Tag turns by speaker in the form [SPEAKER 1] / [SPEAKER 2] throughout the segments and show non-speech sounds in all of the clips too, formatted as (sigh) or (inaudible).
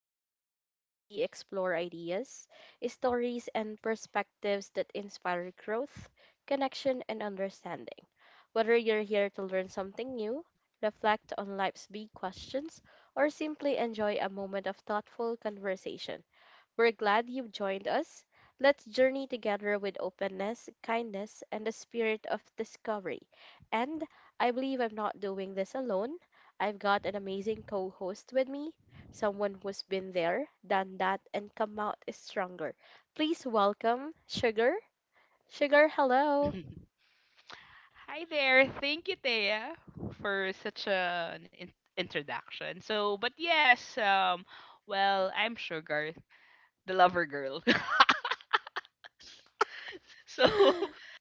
[SPEAKER 1] is the space where we explore ideas, stories, and perspectives that inspire growth, connection, and understanding. Whether you're here to learn something new, reflect on life's big questions, or simply enjoy a moment of thoughtful conversation, we're glad you've joined us. Let's journey together with openness, kindness, and the spirit of discovery. And I believe I'm not doing this alone. I've got an amazing co host with me, someone who's been there, done that, and come out stronger. Please welcome Sugar. Sugar, hello.
[SPEAKER 2] (laughs) Hi there. Thank you, Thea, for such an introduction. But yes, I'm Sugar, the lover girl. (laughs) so, (laughs)
[SPEAKER 1] (gasps)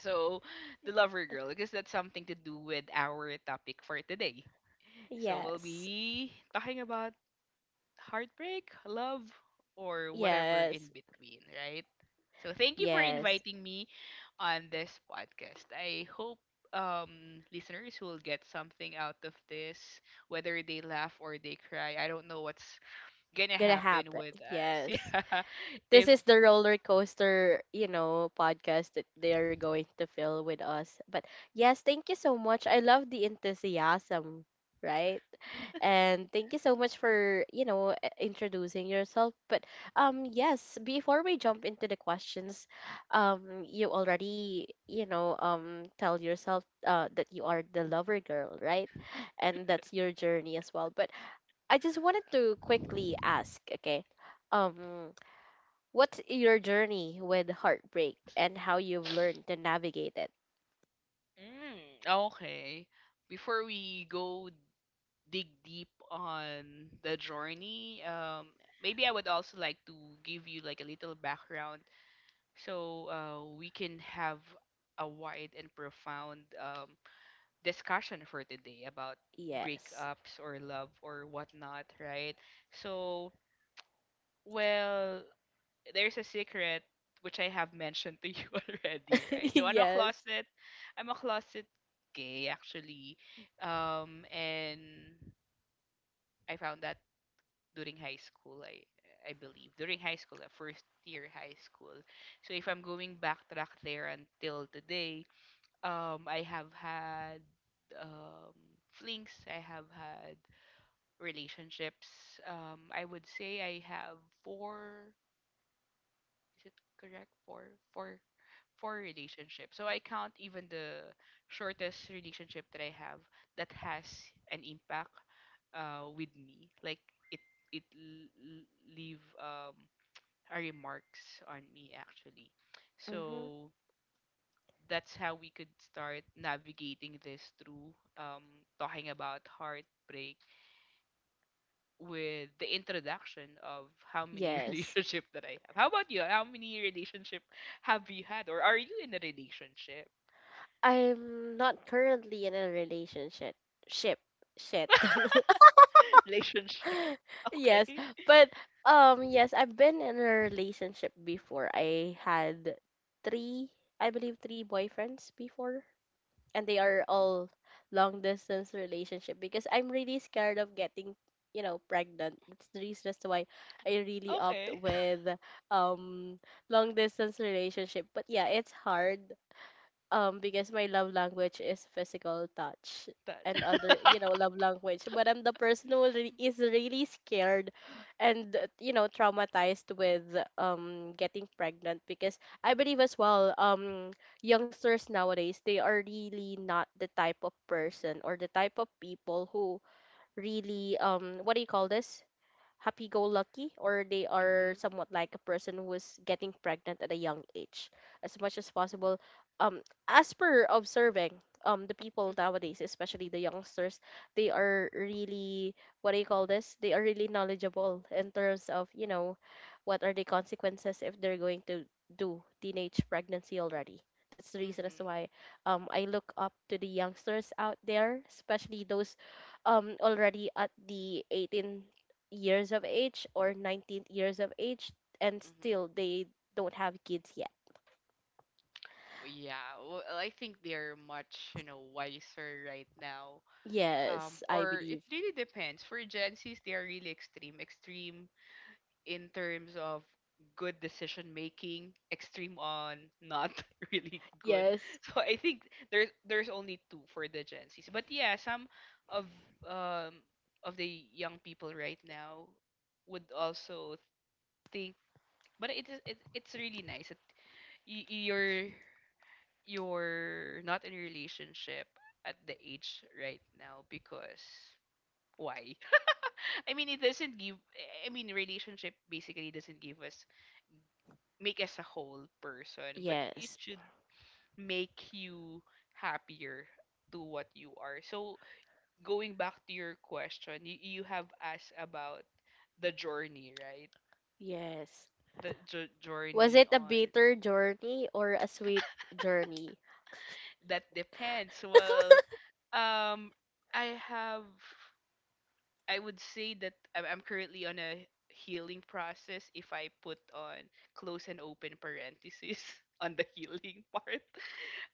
[SPEAKER 2] so the lover girl, because that's something to do with our topic for today.
[SPEAKER 1] (laughs)
[SPEAKER 2] So we'll
[SPEAKER 1] Yes,
[SPEAKER 2] be talking about heartbreak, love, or whatever in
[SPEAKER 1] yes,
[SPEAKER 2] between, right? So thank you for
[SPEAKER 1] yes.
[SPEAKER 2] inviting me on this podcast. I hope listeners will get something out of this, whether they laugh or they cry. I don't know what's gonna
[SPEAKER 1] Gonna
[SPEAKER 2] happen
[SPEAKER 1] happen.
[SPEAKER 2] with us. (laughs)
[SPEAKER 1] Yes.
[SPEAKER 2] Yeah,
[SPEAKER 1] This
[SPEAKER 2] if
[SPEAKER 1] is the roller coaster podcast that they are going to fill with us. But yes, thank you so much. I love the enthusiasm, right? And thank you so much for, introducing yourself. But yes, before we jump into the questions, you already, tell yourself that you are the lover girl, right? And that's your journey as well. But I just wanted to quickly ask, okay? Um What's your journey with heartbreak and how you've learned to navigate it?
[SPEAKER 2] Mm, okay. Before we go dig deep on the journey, maybe I would also like to give you like a little background so we can have a wide and profound discussion for today about
[SPEAKER 1] Yes.
[SPEAKER 2] breakups or love or whatnot, right? So, well, there's a secret which I have mentioned to you (laughs) already, right? So I'm a
[SPEAKER 1] (laughs) Yes.
[SPEAKER 2] closet, I'm a closet gay actually, and I found that during high school, I believe. During high school, first year high school. So if I'm going backtrack there until today, I have had um, flings. I have had relationships. I would say I have four. Is it correct? Four relationships. So I count even the shortest relationship that I have that has an impact with me. Like it it l- l- leave a remarks on me actually.
[SPEAKER 1] Mm-hmm.
[SPEAKER 2] So that's how we could start navigating this through talking about heartbreak with the introduction of how many (laughs)
[SPEAKER 1] Yes.
[SPEAKER 2] relationship that I have. How about you? How many relationship have you had, or are you in a relationship?
[SPEAKER 1] I'm not currently in a relationship. Ship. Shit.
[SPEAKER 2] (laughs) Relationship.
[SPEAKER 1] (laughs) Yes.
[SPEAKER 2] Okay.
[SPEAKER 1] But yes, I've been in a relationship before. I had three I believe three boyfriends before. And they are all long distance relationship because I'm really scared of getting pregnant. That's the reason as to why I really opt
[SPEAKER 2] Okay. (laughs)
[SPEAKER 1] with um long distance relationship, but yeah, it's hard because my love language is physical touch
[SPEAKER 2] That.
[SPEAKER 1] and other
[SPEAKER 2] (laughs)
[SPEAKER 1] love language. But I'm the person who is really scared and traumatized with getting pregnant, because I believe as well youngsters nowadays, they are really not the type of person or the type of people who really what do you call this, happy go lucky, or they are
[SPEAKER 2] Mhm.
[SPEAKER 1] somewhat like a person who is getting pregnant at a young age as much as possible. um as per observing the people
[SPEAKER 2] Mhm.
[SPEAKER 1] nowadays, especially the youngsters, they are really what do you call this, they are really knowledgeable in terms of what are the consequences if they're going to do teenage pregnancy already. That's the reason as to
[SPEAKER 2] Mhm.
[SPEAKER 1] why I look up to the youngsters out there, especially those already at the 18 years of age or 19 of age, and still
[SPEAKER 2] Mhm.
[SPEAKER 1] they don't have kids yet.
[SPEAKER 2] Yeah, well, I think they're much, you know, wiser right now.
[SPEAKER 1] Yes, I
[SPEAKER 2] Or it
[SPEAKER 1] believe.
[SPEAKER 2] really depends. For Gen Zs, they are really extreme, extreme in terms of good decision making, extreme on not (laughs) really good.
[SPEAKER 1] Yes,
[SPEAKER 2] So I think there's only two for the Gen Zs. But yeah, some of um of the young people right now would also think, but it's really nice that y- you're you're not in a relationship at the age right now because why? (laughs) I mean, it doesn't give. I mean, relationship basically doesn't give us make us a whole person, but it
[SPEAKER 1] yes,
[SPEAKER 2] should make you happier to what you are. So going back to your question, you have asked about the journey, right?
[SPEAKER 1] yes.
[SPEAKER 2] The
[SPEAKER 1] Was
[SPEAKER 2] journey
[SPEAKER 1] it a
[SPEAKER 2] on
[SPEAKER 1] bitter journey or a sweet journey?
[SPEAKER 2] that depends. Well, um, I have I would say that I'm currently on a healing process if I put on close and open parentheses (laughs) on the healing part. (laughs)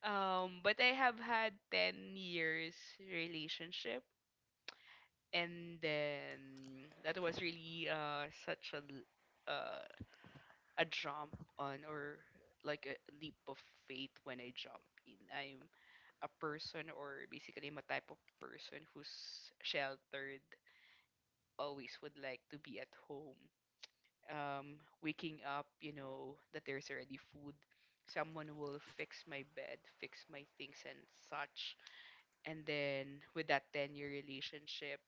[SPEAKER 2] But I have had 10 years relationship and then that was really such uh a jump on or like a leap of faith when I jump in. I'm a person or basically I'm a type of person who's sheltered, always would like to be at home, waking up, you know, that there's already food. Someone will fix my bed, fix my things and such. And then with that 10-year relationship,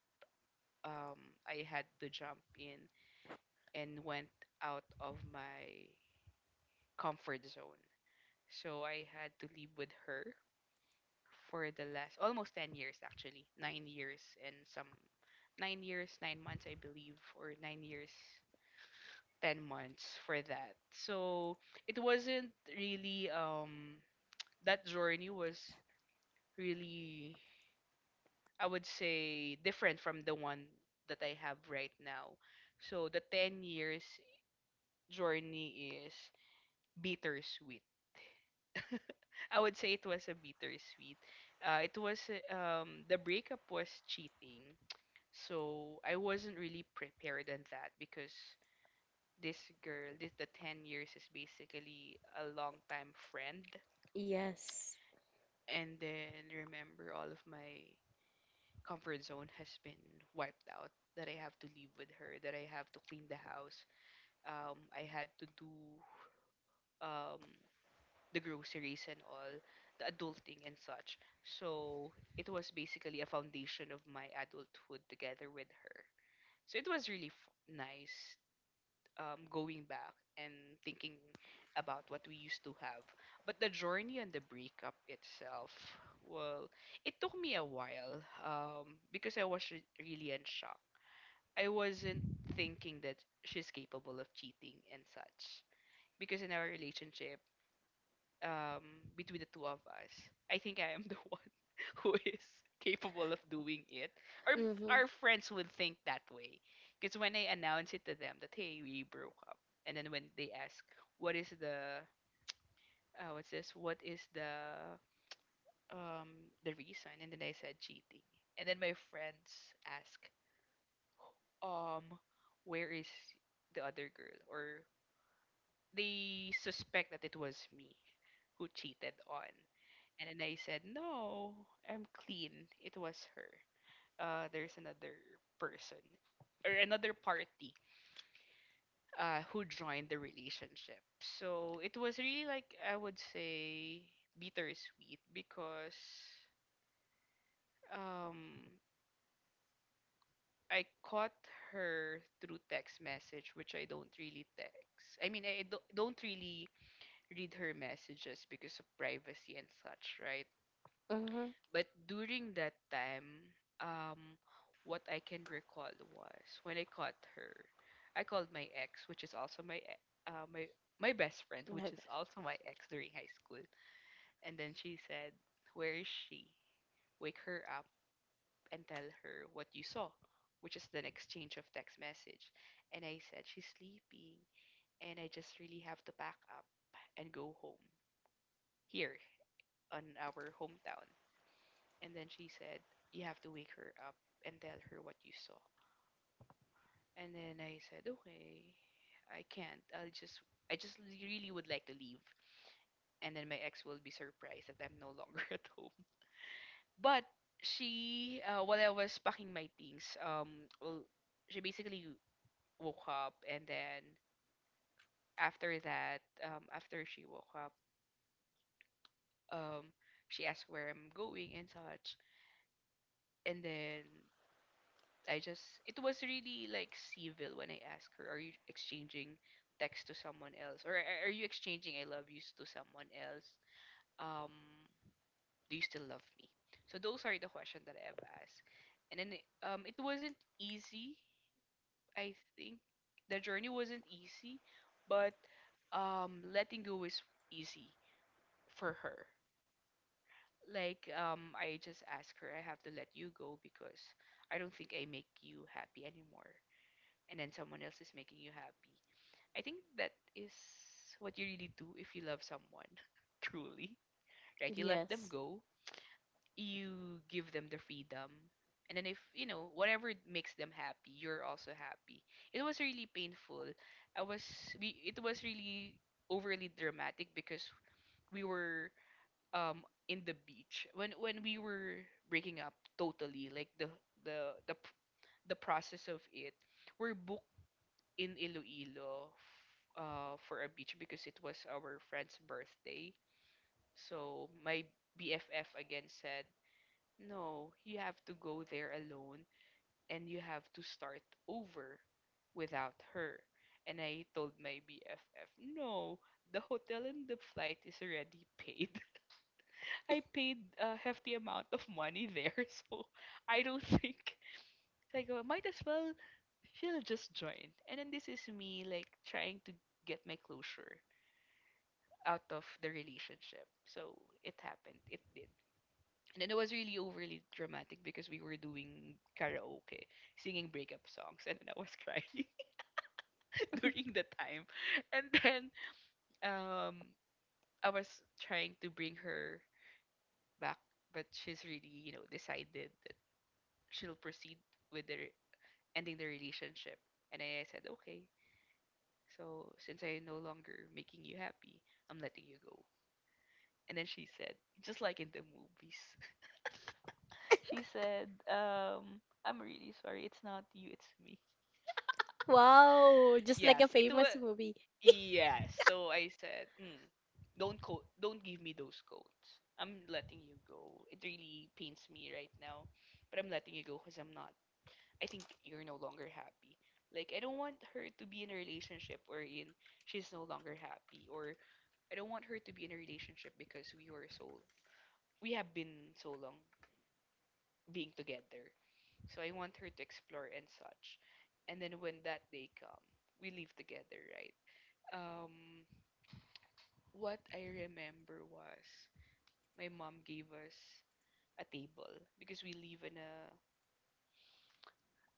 [SPEAKER 2] um, I had to jump in and went out of my comfort zone. So I had to live with her for the last almost 10 years, actually, 9 years, 9 months, I believe, or 9 years 10 months for that. So it wasn't really that journey was really, I would say, different from the one that I have right now. So the 10 years journey is bittersweet. I would say it was a bittersweet. It was The breakup was cheating. So I wasn't really prepared on that because this this the 10 years is basically a long time friend,
[SPEAKER 1] Yes.
[SPEAKER 2] and then remember all of my comfort zone has been wiped out, that I have to live with her, that I have to clean the house, I had to do um the groceries and all the adulting and such. So it was basically a foundation of my adulthood together with her, so it was really nice going back and thinking about what we used to have. But the journey and the breakup itself, well, it took me a while because I was really in shock. I wasn't thinking that she's capable of cheating and such. Because in our relationship, um, between the two of us. I think I am the (laughs) one who is capable of doing it. Or
[SPEAKER 1] Mm-hmm.
[SPEAKER 2] our friends would think that way. Because when I announce it to them that, hey, we broke up, and then when they ask, what is the, what is the reason? And then I said cheating. And then my friends ask, um, where is the other girl? Or they suspect that it was me who cheated on. And then I said, no, I'm clean. It was her. There's another person or another party who joined the relationship. So it was really, like, I would say, bittersweet because um, I caught her through text message, which I don't really text. I mean, I don't really read her messages because of privacy and such, right?
[SPEAKER 1] Mm-hmm.
[SPEAKER 2] But during that time, um, what I can recall was when I caught her, I called my ex, which is also my my best friend,
[SPEAKER 1] My
[SPEAKER 2] which is
[SPEAKER 1] best
[SPEAKER 2] also my ex during high school, and then she said, "Where is she? Wake her up and tell her what you saw," which is an exchange of text message. And I said, she's sleeping, and I just really have to pack up and go home. Here, on our hometown. And then she said, you have to wake her up and tell her what you saw. And then I said, okay, I can't. I just really would like to leave. And then my ex will be surprised that I'm no longer (laughs) at home. But she, while I was packing my things, well, she basically woke up, and then after that, after she woke up, um, she asked where I'm going and such. And then I just it was really like civil when I asked her, "Are you exchanging text to someone else, or are you exchanging I love yous to someone else? Um, do you still love me?" So those are the questions that I have asked, and then it wasn't easy. I think the journey wasn't easy, but letting go is easy for her. Like I just asked her, "I have to let you go because I don't think I make you happy anymore, and then someone else is making you happy. I think that is what you really do if you love someone," (laughs) truly, right?
[SPEAKER 1] friend.
[SPEAKER 2] You let them
[SPEAKER 1] Yes.
[SPEAKER 2] go, you give them the freedom, and then if you know whatever makes them happy, you're also happy. It was really painful. I was we it was really overly dramatic because we were um in the beach when we were breaking up totally, like the the p- the process of it. We're booked in Iloilo for a beach because it was our friend's birthday. So my BFF again said, no, you have to go there alone and you have to start over without her. And I told my BFF, no, the hotel and the flight is already paid. (laughs) I paid a hefty amount of money there, (laughs) so I don't (laughs) think so I go, might as well, she'll just join. And then this is me, like, trying to get my closure out of the relationship. So it happened. It did. And then it was really overly dramatic because we were doing karaoke, singing breakup songs, and then I was crying (laughs) during the time. And then um, I was trying to bring her back, but she's really, you know, decided that she'll proceed with the ending the relationship. And I said, okay, so since I no longer making you happy, I'm letting you go. And then she said, just like in the movies, (laughs) she said, I'm really sorry. It's not you, it's me.
[SPEAKER 1] Wow, just like
[SPEAKER 2] Yes,
[SPEAKER 1] a
[SPEAKER 2] it was.
[SPEAKER 1] famous movie.
[SPEAKER 2] Yes. So I said, mm, don't give me those codes. I'm letting you go. It really pains me right now, but I'm letting you go because I'm not. I think you're no longer happy. Like I don't want her to be in a relationship wherein she's no longer happy, or I don't want her to be in a relationship because we have been so long being together. So I want her to explore and such. And then when that day come, we live together, right? Um what I remember was my mom gave us a table because we live in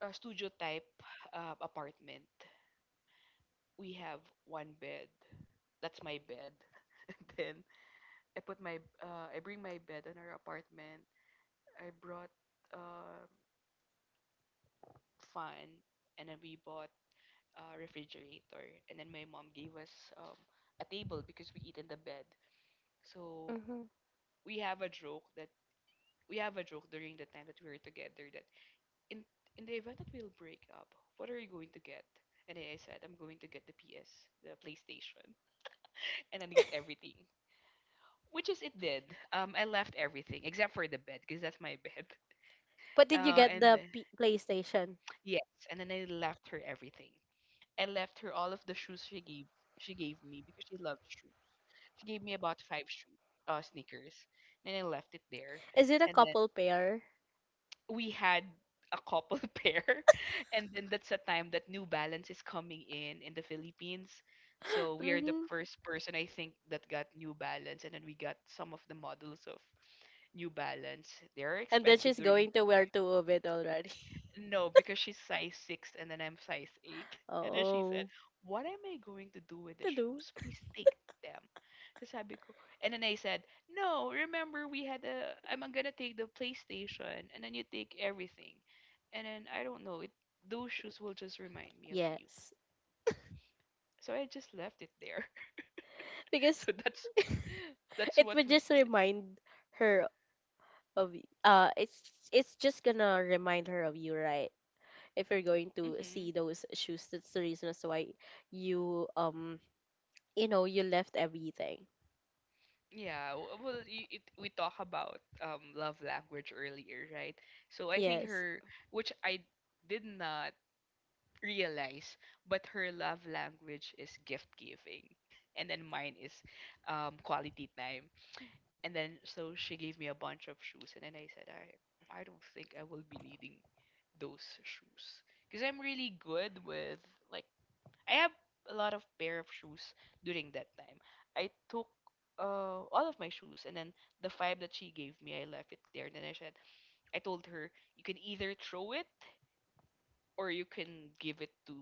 [SPEAKER 2] a studio type apartment. We have one bed. That's my bed. (laughs) And then I put my I bring my bed in our apartment. I brought uh, fun, and then we bought a refrigerator, and then my mom gave us a table because we eat in the bed. So
[SPEAKER 1] Mm-hmm.
[SPEAKER 2] we have a joke that we have a joke during the time that we were together that in in the event that we'll break up, what are you going to get? And then I said, I'm going to get the PS, the PlayStation, (laughs) and then get everything. Which is it did. I left everything except for the bed because that's my (laughs) bed.
[SPEAKER 1] But did you
[SPEAKER 2] Uh,
[SPEAKER 1] get
[SPEAKER 2] and
[SPEAKER 1] the
[SPEAKER 2] then-
[SPEAKER 1] PlayStation?
[SPEAKER 2] yes, and then I left her everything. I left her all of the shoes she gave me because she loves shoes. She gave me about five shoes, sneakers, and I left it there.
[SPEAKER 1] Is it a
[SPEAKER 2] And then
[SPEAKER 1] couple pair?
[SPEAKER 2] we had a couple (laughs) pair, and then that's a time that New Balance is coming in the Philippines.
[SPEAKER 1] (gasps)
[SPEAKER 2] So we are the
[SPEAKER 1] Mm-hmm.
[SPEAKER 2] first person I think that got New Balance, and then we got some of the models of New Balance. They are
[SPEAKER 1] And then
[SPEAKER 2] expensive
[SPEAKER 1] she's
[SPEAKER 2] during.
[SPEAKER 1] going to wear two of it already.
[SPEAKER 2] No, because she's size six and then I'm size eight. (laughs)
[SPEAKER 1] (laughs)
[SPEAKER 2] And then she said,
[SPEAKER 1] Oh.
[SPEAKER 2] what am I going to do with the
[SPEAKER 1] To do.
[SPEAKER 2] shoes? Please take them. So sabi ko. And then I said, no, remember we had a I'm gonna take the PlayStation and then you take everything. And then I don't know, it those shoes will just remind me of you.
[SPEAKER 1] Yes,
[SPEAKER 2] So I just left it there. (laughs)
[SPEAKER 1] because
[SPEAKER 2] So
[SPEAKER 1] (laughs)
[SPEAKER 2] that's
[SPEAKER 1] it
[SPEAKER 2] what
[SPEAKER 1] would
[SPEAKER 2] we
[SPEAKER 1] just
[SPEAKER 2] did.
[SPEAKER 1] remind her of y- it's just gonna remind her of you, right? If you're going to see
[SPEAKER 2] hmm
[SPEAKER 1] those shoes, that's the reason as to why you um you left everything.
[SPEAKER 2] Yeah, well, we talk about love language earlier, right? So I think
[SPEAKER 1] Yes.
[SPEAKER 2] her, which I did not realize, but her love language is gift giving, and then mine is quality time. And then so she gave me a bunch of shoes, and then I said, I don't think I will be needing those shoes because I'm really good with like I have a lot of pair of shoes during that time. I took all of my shoes, and then the five that she gave me, I left it there. And then I said, I told her, you can either throw it or you can give it to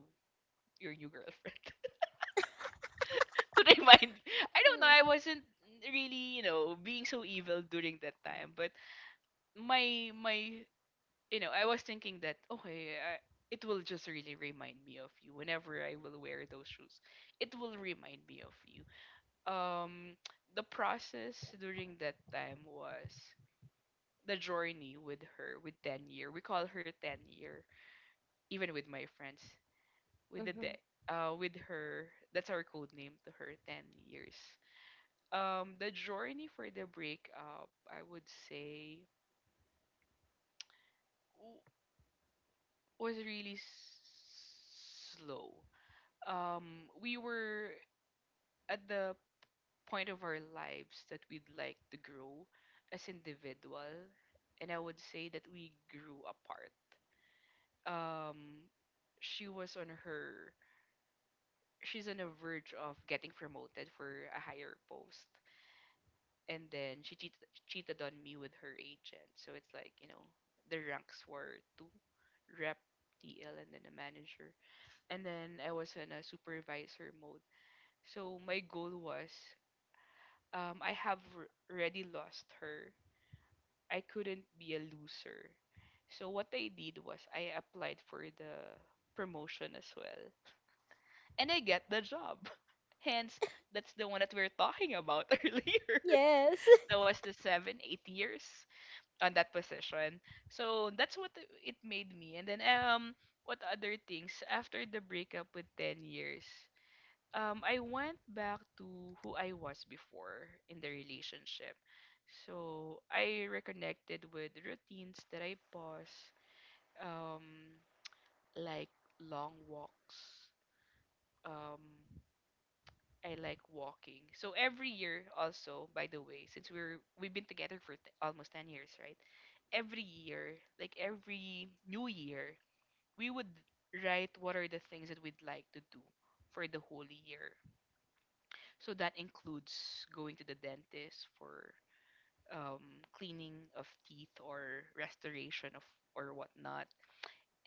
[SPEAKER 2] your new girlfriend (laughs) to remind. I don't know. I wasn't really, you know, being so evil during that time, but my my, you know, I was thinking that okay, it will just really remind me of you whenever I will wear those shoes. It will remind me of you. um the process during that time was the journey with her. With 10-year year, we call her 10-year year, even with my friends, with the
[SPEAKER 1] Mm-hmm.
[SPEAKER 2] deck, with her, that's our code name to her. 10 years, the journey for the breakup, I would say w- was really slow. We were at the point of our lives that we'd like to grow as individual, and I would say that we grew apart. um she was on her she's on the verge of getting promoted for a higher post, and then she cheated on me with her agent. So it's like, you know, the ranks were two, rep, tl, and then a manager, and then I was in a supervisor mode. So my goal was, I have already lost her. I couldn't be a loser. So what I did was I applied for the promotion as well. And I get the job. (laughs) Hence, that's the one that we are talking about (laughs) earlier.
[SPEAKER 1] Yes. (laughs)
[SPEAKER 2] That was the seven, 8 years on that position. So that's what it made me. And then what other things after the breakup with 10 years? I went back to who I was before in the relationship. So I reconnected with routines that I pause, um, like long walks. Um, I like walking. So every year, also by the way, since we've been together for almost 10 years, right? Every year, like every new year, we would write what are the things that we'd like to do for the whole year. So that includes going to the dentist for cleaning of teeth or restoration of or whatnot.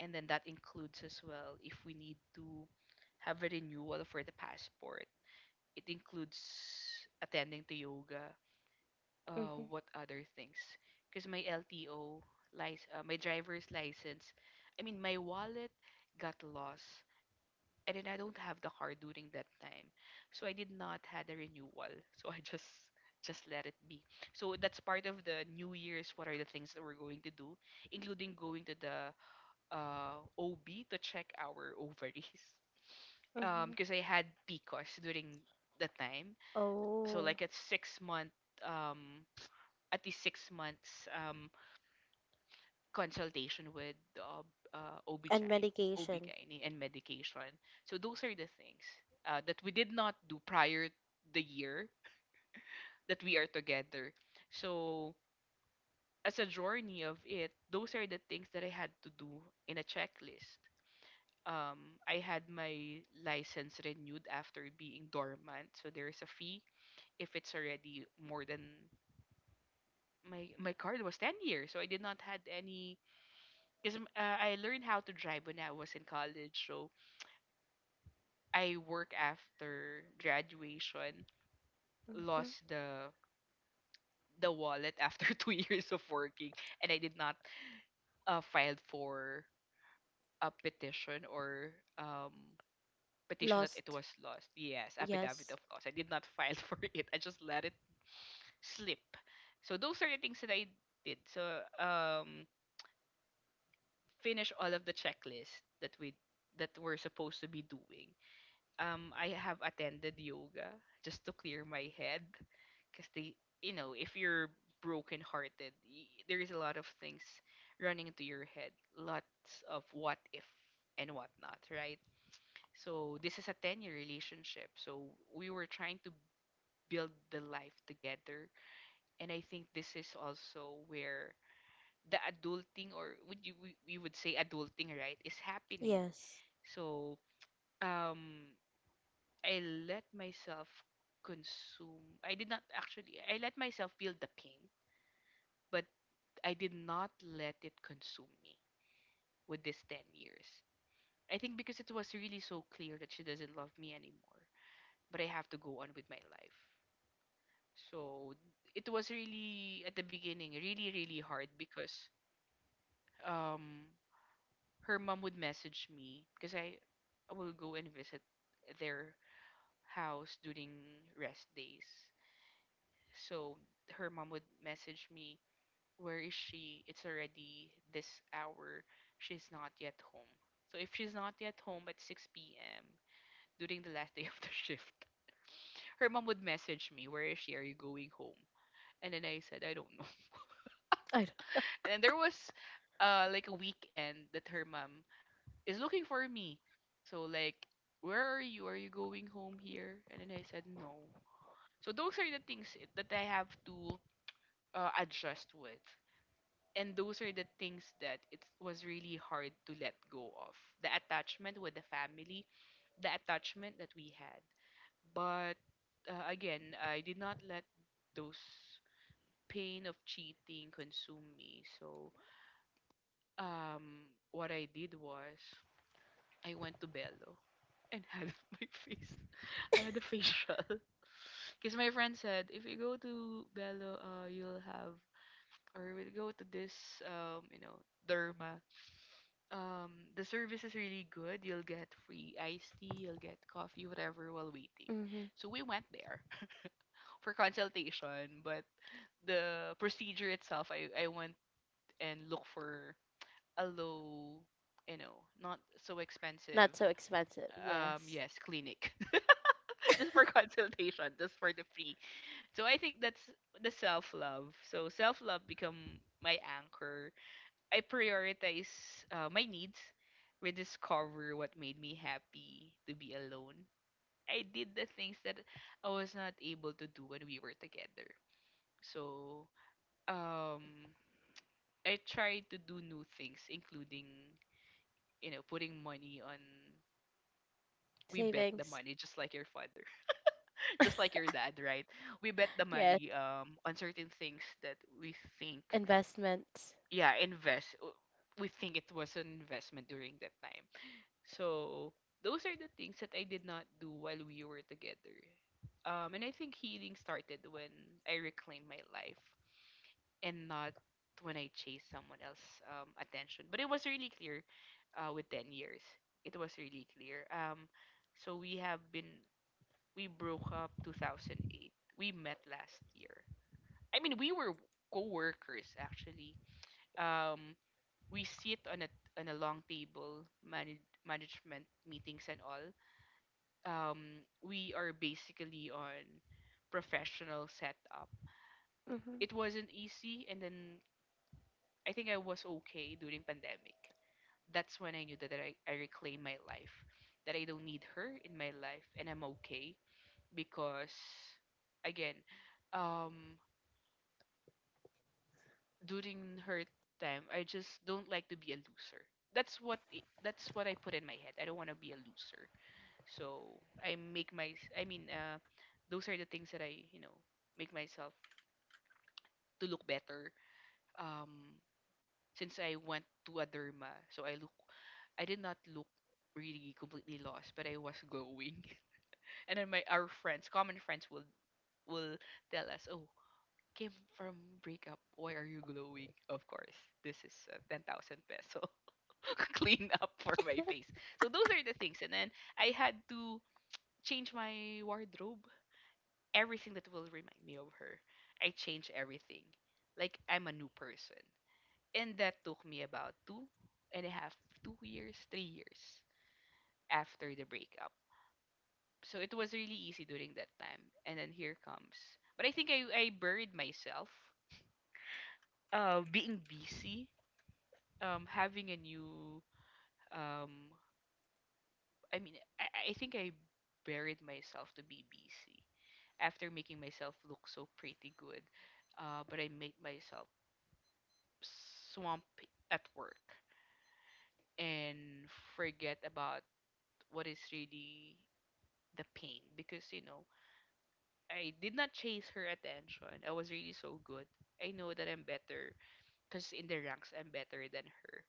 [SPEAKER 2] And then that includes as well if we need to have a renewal for the passport. It includes attending to yoga.
[SPEAKER 1] Mm-hmm.
[SPEAKER 2] What other things? Because my LTO, my driver's license, I mean my wallet got lost, and then I don't have the car during that time, so I did not had a renewal. (laughs) So I just let it be. So that's part of the New Year's. What are the things that we're going to do, including going to the OB to check our ovaries, (laughs)
[SPEAKER 1] Mm-hmm.
[SPEAKER 2] because I had PCOS during the time. So
[SPEAKER 1] Oh,
[SPEAKER 2] like at 6 month, um, at least 6 months, consultation with
[SPEAKER 1] and
[SPEAKER 2] OBGYN,
[SPEAKER 1] medication.
[SPEAKER 2] OBGYN and medication. So those are the things that we did not do prior the year that we are together. So as a journey of it, those are the things that I had to do in a checklist. I had my license renewed after being dormant, so there is a fee if it's already more than my card was 10 years, so I did not had any because I learned how to drive when I was in college. So I work after graduation,
[SPEAKER 1] Mm-hmm.
[SPEAKER 2] lost the wallet after (laughs) 2 years of working, and I did not file for a petition or petition that it
[SPEAKER 1] Lost.
[SPEAKER 2] was lost. Yes, affidavit of
[SPEAKER 1] Yes.
[SPEAKER 2] loss. I did not file (laughs) for it. I just let it slip. So those are the things that I did. So finish all of the checklist that we that we're supposed to be doing. I have attended yoga just to clear my head because they you know, if you're broken-hearted, there is a lot of things running into your head, lots of what if and whatnot, right? So this is a 10-year relationship, so we were trying to build the life together, and I think this is also where the adulting, or would you, we would say adulting, right, is happening.
[SPEAKER 1] Yes.
[SPEAKER 2] So um I let myself consume. I did not actually, I let myself feel the pain, but I did not let it consume me with this 10 years. I think because it was really so clear that she doesn't love me anymore, but I have to go on with my life. So it was really, at the beginning, really, really hard because um, her mom would message me because I will go and visit their house during rest days. So her mom would message me, where is she? It's already this hour. She's not yet home. So if she's not yet home at 6 p.m. during the last (laughs) day of the (laughs) shift, her mom would message me, where is she? Are you going home? And then I said, I don't know. (laughs)
[SPEAKER 1] I
[SPEAKER 2] And then there was like a weekend that her mom is looking for me. So, like, where are you? Are you going home here? And then I said, no. So, those are the things that I have to adjust with. And those are the things that it was really hard to let go of, the attachment with the family, the attachment that we had. But again, I did not let those pain of cheating consume me. So what I did was I went to Bello and had (laughs) my face, I had a facial (laughs) because my friend said if you go to Bello, you'll have or we'll go to this, you know, derma, um the service is really good. You'll get free iced tea, you'll get coffee, whatever while waiting.
[SPEAKER 1] don't. Mm-hmm.
[SPEAKER 2] So we went there (laughs) for consultation, but the procedure itself, I went and looked for a low, you know, not so expensive,
[SPEAKER 1] Not so expensive. Yes.
[SPEAKER 2] yes, clinic. (laughs) Just for consultation, just for the free. So I think that's the self love. So self love become my anchor. I prioritize my needs, rediscover what made me happy to be alone. I did the things that I was not able to do when we were together. So, um, I tried to do new things, including, you know, putting money on. We bet the
[SPEAKER 1] Savings.
[SPEAKER 2] money, just like your father, (laughs) just like your dad, right? We bet the
[SPEAKER 1] Yes.
[SPEAKER 2] money on certain things that we think,
[SPEAKER 1] Investments.
[SPEAKER 2] yeah, invest. We think it was an investment during that time. So those are the things that I did not do while we were together. And I think healing started when I reclaimed my life and not when I chased someone else's attention. But it was really clear with 10 years. It was really clear. So we broke up 2008. We met last year. I mean, we were co-workers actually. Um, we sit on a long table, management meetings and all. We are basically on professional setup.
[SPEAKER 1] Hmm.
[SPEAKER 2] It wasn't easy, and then I think I was okay during pandemic. That's when I knew that I reclaim my life, that I don't need her in my life, and I'm okay because, again, um, during her time, I just don't like to be a loser. That's what I put in my head. I don't want to be a loser. So I make my I mean, those are the things that I make myself to look better. Um since I went to a derma, so I did not look really completely lost, but I was glowing. (laughs) And then my our friends, common friends will tell us, "Oh, came from breakup. Why are you glowing?" Of course, this is 10,000 peso (laughs) clean up for my face. So those are the things. And then I had to change my wardrobe, everything that will remind me of her. I change everything. Like I'm a new person. And that took me about two and a half, 2 years, 3 years after the breakup. So it was really easy during that time. And then here comes. But I think I buried myself. Being busy, having a new, um, I mean, I think I buried myself to be busy after making myself look so pretty good, but I made myself swamp at work and forget about what is really the pain, because I did not chase her attention. I was really so good. I know that I'm better because in the ranks I'm better than her.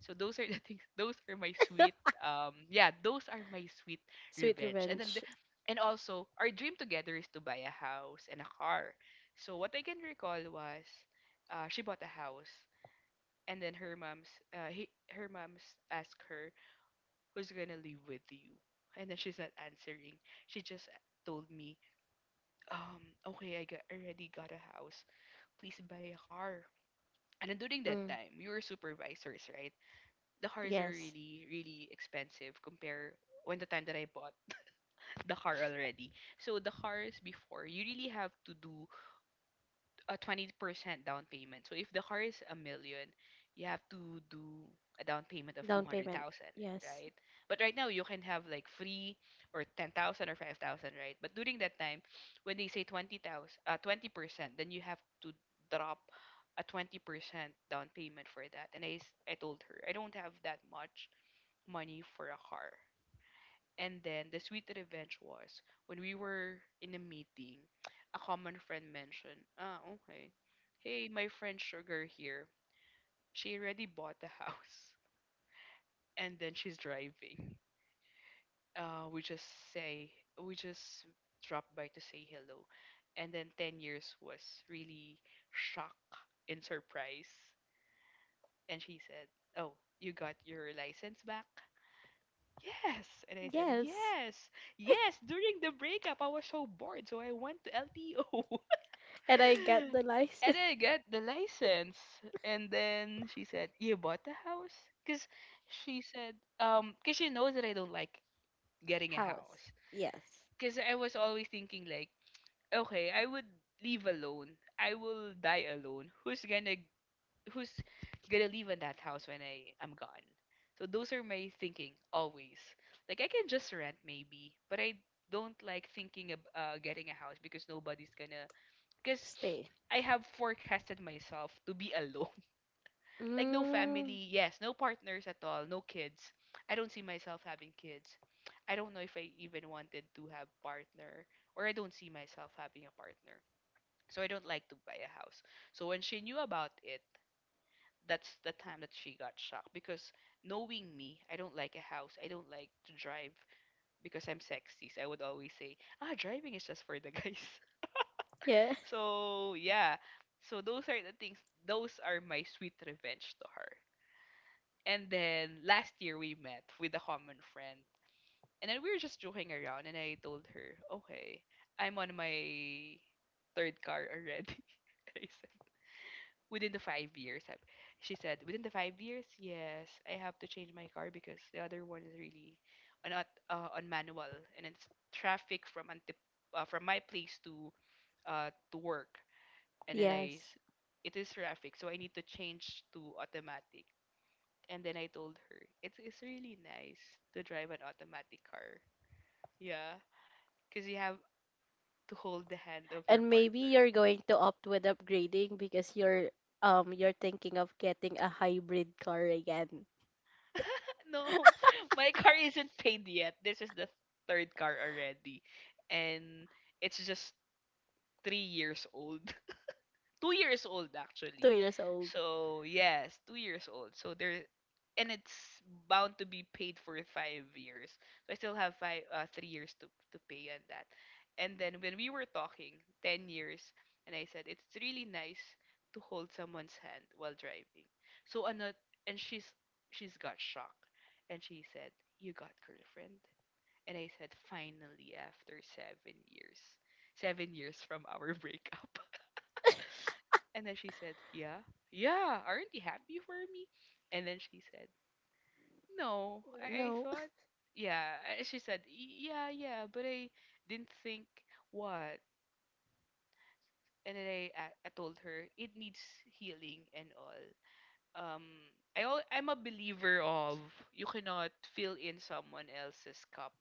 [SPEAKER 2] So those are (laughs) the things. Those are my sweet.
[SPEAKER 1] (laughs)
[SPEAKER 2] Yeah, those are my sweet
[SPEAKER 1] Sweet
[SPEAKER 2] revenge. And then,
[SPEAKER 1] revenge.
[SPEAKER 2] and also our dream together is to buy a house and a car. So what I can recall was, she bought a house, and then her mom's asked her, "Who's gonna live with you?" And then she's not answering, she just told me, um "Okay, already got a house, please buy a car." And then during that
[SPEAKER 1] Mm,
[SPEAKER 2] time, we were supervisors, right? The cars are
[SPEAKER 1] yes.
[SPEAKER 2] really, really expensive compare when the time that I bought the car already. So the cars before, you really have to do a 20% down payment. So if the car is a million, you have to do a down payment of
[SPEAKER 1] Down payment.
[SPEAKER 2] 200,000,
[SPEAKER 1] Yes.
[SPEAKER 2] right? But right now you can have like free, or 10,000, or 5,000, right? But during that time, when they say 20,000, 20%, then you have to drop a 20% down payment for that. And I told her, I don't have that much money for a car. And then the sweet revenge was when we were in a meeting. A common friend mentioned, "Ah, okay, hey, my friend Sugar here, she already bought the house, (laughs) and then she's driving." Uh, we just say, we just drop by to say hello. And then 10 years was really shock and surprise. And she said, "Oh, you got your license back? Yes." And I said,
[SPEAKER 1] Yes.
[SPEAKER 2] "Yes. Yes. During the breakup, I was so bored, so I went to LTO.
[SPEAKER 1] And I got the
[SPEAKER 2] (laughs) And
[SPEAKER 1] license.
[SPEAKER 2] I
[SPEAKER 1] (laughs)
[SPEAKER 2] got the license." And then she said, "You bought the house?" Because she said, because she knows that I don't like getting a house.
[SPEAKER 1] House. Yes.
[SPEAKER 2] Because I was always thinking, like, "Okay, I would live alone. I will die alone. Who's gonna live in that house when I am gone?" So those are my thinking always. Like I can just rent maybe, but I don't like thinking of getting a house because nobody's gonna. Because
[SPEAKER 1] Stay.
[SPEAKER 2] I have forecasted myself to be alone. (laughs) Like no
[SPEAKER 1] Mm,
[SPEAKER 2] family, yes, no partners at all, no kids. I don't see myself having kids. I don't know if I even wanted to have partner, or I don't see myself having a partner. So I don't like to buy a house. So when she knew about it, that's the time that she got shocked, because knowing me, I don't like a house. I don't like to drive because I'm sexy. So I would always say, "Ah, driving is just for the guys." (laughs)
[SPEAKER 1] yeah. (laughs)
[SPEAKER 2] So yeah, so those are the things. Those are my sweet revenge to her. And then last year, we met with a common friend, and then we were just joking around, and I told her, "Okay, I'm on my third car already." (laughs) I Within the 5 years. She said, within the 5 years, yes, I have to change my car because the other one is really on manual, and it's traffic from my place to, to work. And then I
[SPEAKER 1] Yes.
[SPEAKER 2] s- it is traffic, so I need to change to automatic. And then I told her, it's really nice to drive an automatic car. Yeah, because you have to hold the hand of your
[SPEAKER 1] And maybe
[SPEAKER 2] partner.
[SPEAKER 1] you're going to opt with upgrading because you're thinking of getting a hybrid car again.
[SPEAKER 2] (laughs) No, my car isn't paid yet. This is the third car already, and it's just 3 years old, 2 years old
[SPEAKER 1] Two
[SPEAKER 2] actually.
[SPEAKER 1] years old.
[SPEAKER 2] So yes, 2 years old. So there, and it's bound to be paid for 5 years. So I still have five, 3 years to pay on that. And then when we were talking, 10 years, and I said it's really nice to hold someone's hand while driving. So another, and she's got shocked, and she said, "You got girlfriend." And I said, "Finally, after 7 years, 7 years from our breakup." And then she said, "Yeah, yeah, aren't you happy for me?" And then she said, "No, I
[SPEAKER 1] No.
[SPEAKER 2] thought,
[SPEAKER 1] (laughs)
[SPEAKER 2] yeah." She said, Yeah, yeah, but I didn't think what." And then I told her it needs healing and all. Um, I'm a believer of you cannot fill in someone else's cup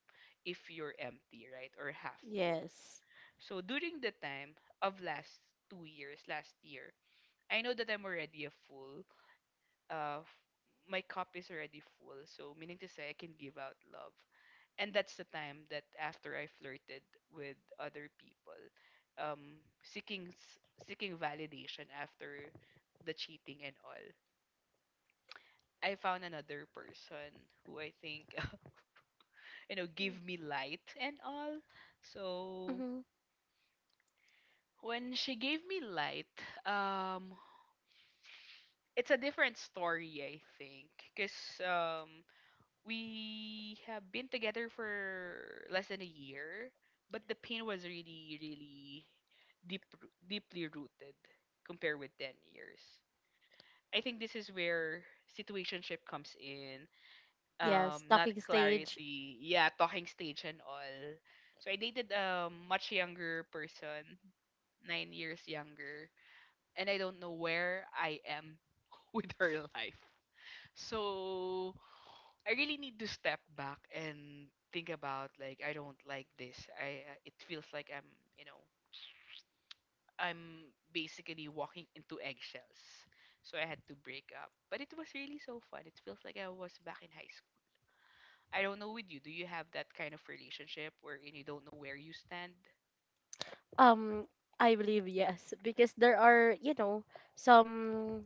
[SPEAKER 2] if you're empty, right, or half full.
[SPEAKER 1] Yes.
[SPEAKER 2] So during the time of last 2 years, last year, I know that I'm already a fool, uh, f- my cup is already full. So, meaning to say, I can give out love. And that's the time that after I flirted with other people, seeking validation after the cheating and all, I found another person who I think (laughs) give me light and all. So
[SPEAKER 1] Mm-hmm.
[SPEAKER 2] when she gave me light, um, it's a different story I think, cause um we have been together for less than a year, but the pain was really, really deep, deeply rooted compared with 10 years. I think this is where situationship comes in.
[SPEAKER 1] Yes.
[SPEAKER 2] Not
[SPEAKER 1] Talking stage.
[SPEAKER 2] clarity. Yeah, talking stage and all. So I dated a much younger person, 9 years younger, and I don't know where I am (laughs) with her life. So I really need to step back and think about, like, I don't like this. I It feels like you know, I'm basically walking into eggshells. So I had to break up. But it was really so fun. It feels like I was back in high school. I don't know with you. Do you have that kind of relationship wherein you don't know where you stand?
[SPEAKER 1] Um, I believe yes, because there are some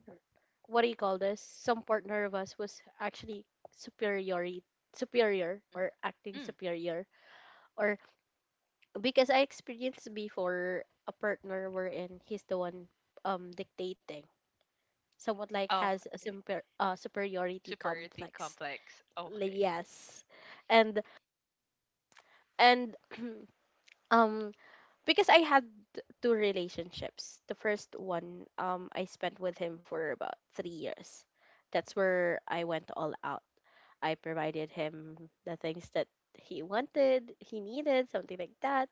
[SPEAKER 1] what do you call this? Some partner of us was actually superior, superior or acting
[SPEAKER 2] Mm.
[SPEAKER 1] superior, or because I experienced before a partner wherein he's the one dictating, somewhat like has a
[SPEAKER 2] Okay.
[SPEAKER 1] superiority
[SPEAKER 2] Superiority
[SPEAKER 1] complex.
[SPEAKER 2] complex.
[SPEAKER 1] Like,
[SPEAKER 2] Okay.
[SPEAKER 1] yes, and and (clears throat) um because I had two relationships. The first one, I spent with him for about 3 years. That's where I went all out. I provided him the things that he wanted, he needed, something like that.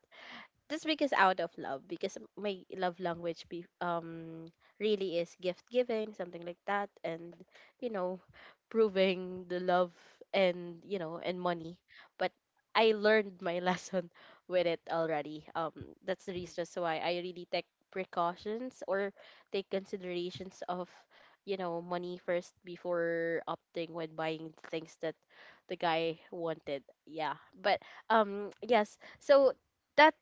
[SPEAKER 1] Just because out of love, because my love
[SPEAKER 2] Mhm.
[SPEAKER 1] language be really is gift giving, something like that, and you know, proving the love and and money. But I learned my (laughs) lesson with it already. That's the
[SPEAKER 2] Mhm.
[SPEAKER 1] reason so why I really take precautions or take considerations of money first before opting when buying things that the guy wanted. Yeah, but yes, so that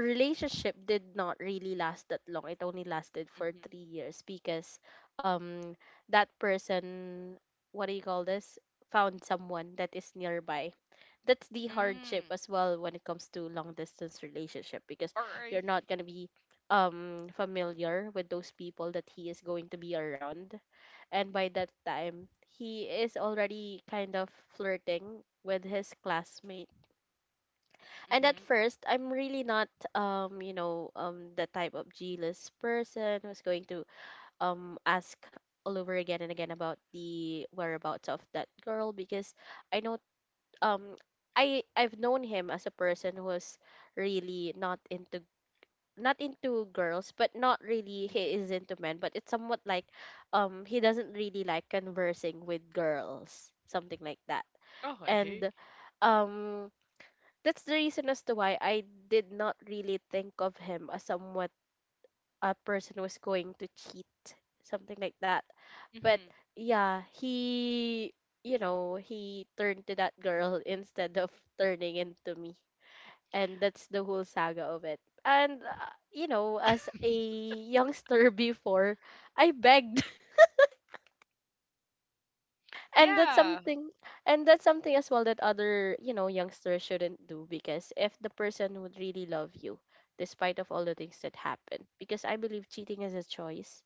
[SPEAKER 1] relationship did not really last that long. It only lasted for
[SPEAKER 2] Mhm.
[SPEAKER 1] 3 years, because um that person, what do you call this? Found someone that is nearby. That's the hardship
[SPEAKER 2] Mm.
[SPEAKER 1] as well when it comes to long distance relationship, because
[SPEAKER 2] Or I.
[SPEAKER 1] you're not gonna be familiar with those people that he is going to be around. And by that time he is already kind of flirting with his classmate. And at
[SPEAKER 2] Mhm.
[SPEAKER 1] first, I'm really not, the type of jealous person who's going to ask all over again and again about the whereabouts of that girl, because I know, um, I've known him as a person who was really not into girls, but not really, he is
[SPEAKER 2] Mhm.
[SPEAKER 1] into men, but it's somewhat like, he doesn't really like conversing with girls, something like that,
[SPEAKER 2] Okay.
[SPEAKER 1] and um that's the reason as to why I did not really think of him as somewhat a person who's going to cheat, something like that. But
[SPEAKER 2] Mhm.
[SPEAKER 1] yeah, he turned to that girl (laughs) instead of turning into me. And that's the whole saga of it. And as
[SPEAKER 2] (laughs)
[SPEAKER 1] a youngster (laughs) before, I begged, and that's
[SPEAKER 2] Yeah.
[SPEAKER 1] something and that's something as well that other youngsters shouldn't do, because if the person would really love you despite of all the things that happen, because I believe cheating is a choice,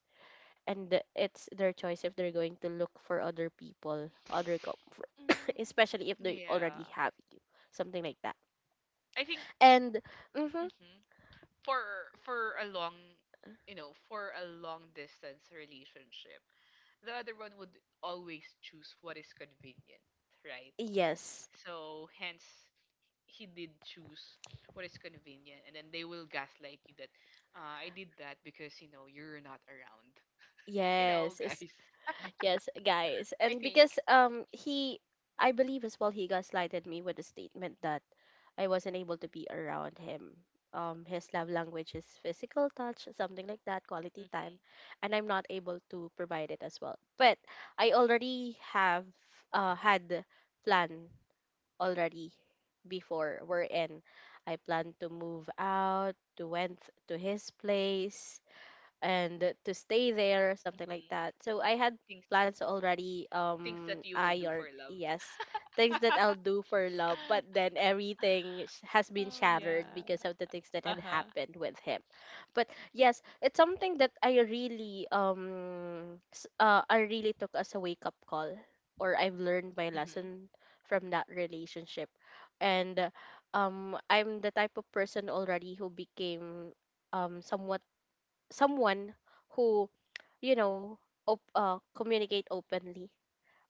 [SPEAKER 1] and it's their choice if they're going to look for other people, other comfort, (coughs)
[SPEAKER 2] Mm,
[SPEAKER 1] especially if they already
[SPEAKER 2] yeah.
[SPEAKER 1] have you, something like that.
[SPEAKER 2] I think.
[SPEAKER 1] And mm-hmm,
[SPEAKER 2] Mhm. for for a long, for a long distance relationship, the other one would always choose what is convenient, right?
[SPEAKER 1] yes,
[SPEAKER 2] So hence he did choose what is convenient, and then they will gaslight you that, I did that because you're not around. You know,
[SPEAKER 1] yes.
[SPEAKER 2] (laughs) guys.
[SPEAKER 1] Yes, guys.
[SPEAKER 2] I
[SPEAKER 1] And
[SPEAKER 2] think.
[SPEAKER 1] because he I believe as well he gaslighted me with a statement that I wasn't able to be around him. His love language is physical touch, something like that, quality time,
[SPEAKER 2] Mhm,
[SPEAKER 1] and I'm not able to provide it as well. But I already have had plan already before we're in. I plan to move out to went to his place and to stay there, something like
[SPEAKER 2] mhm.
[SPEAKER 1] that. So I had
[SPEAKER 2] things
[SPEAKER 1] plans already,
[SPEAKER 2] things that you will
[SPEAKER 1] I
[SPEAKER 2] do
[SPEAKER 1] or
[SPEAKER 2] for love.
[SPEAKER 1] yes, things that
[SPEAKER 2] (laughs)
[SPEAKER 1] I'll do for love, but then everything has been
[SPEAKER 2] Oh
[SPEAKER 1] shattered
[SPEAKER 2] yeah.
[SPEAKER 1] because of the things that had
[SPEAKER 2] Uh-huh.
[SPEAKER 1] happened with him. But yes, it's something that I really, I really took as a wake up call, or I've learned my
[SPEAKER 2] Mhm.
[SPEAKER 1] lesson from that relationship, and I'm the type of person already who became somewhat someone who you know communicate openly,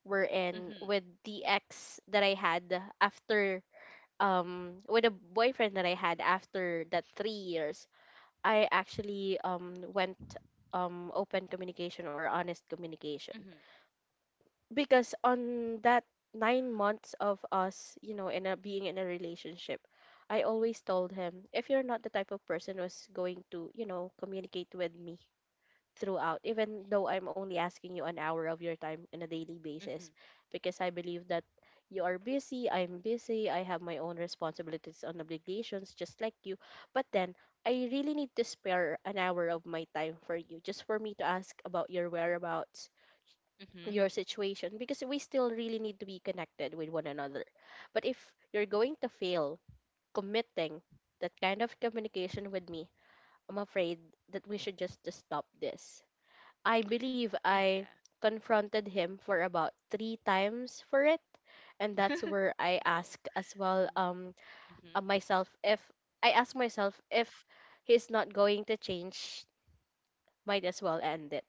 [SPEAKER 1] wherein
[SPEAKER 2] Mhm.
[SPEAKER 1] with the ex that I had after with a boyfriend that I had after that 3 years, I actually went open communication or honest communication,
[SPEAKER 2] Mhm.
[SPEAKER 1] because on that 9 months of us you know in a being in a relationship, I always told him, if you're not the type of person who's going to communicate with me throughout, even though I'm only asking you an hour of your time on a daily
[SPEAKER 2] Mhm.
[SPEAKER 1] basis, because I believe that you are busy, I'm busy, I have my own responsibilities and obligations just like you. But then I really need to spare an hour of my time for you, just for me to ask about your whereabouts,
[SPEAKER 2] Mhm.
[SPEAKER 1] your situation, because we still really need to be connected with one another. But if you're going to fail committing that kind of communication with me, I'm afraid that we should just stop this. I believe I
[SPEAKER 2] Yeah.
[SPEAKER 1] confronted him for about three times for it, and that's
[SPEAKER 2] (laughs)
[SPEAKER 1] where I
[SPEAKER 2] No.
[SPEAKER 1] asked as well
[SPEAKER 2] Mhm.
[SPEAKER 1] myself, if I asked myself, if he's not going to change, might as well end it,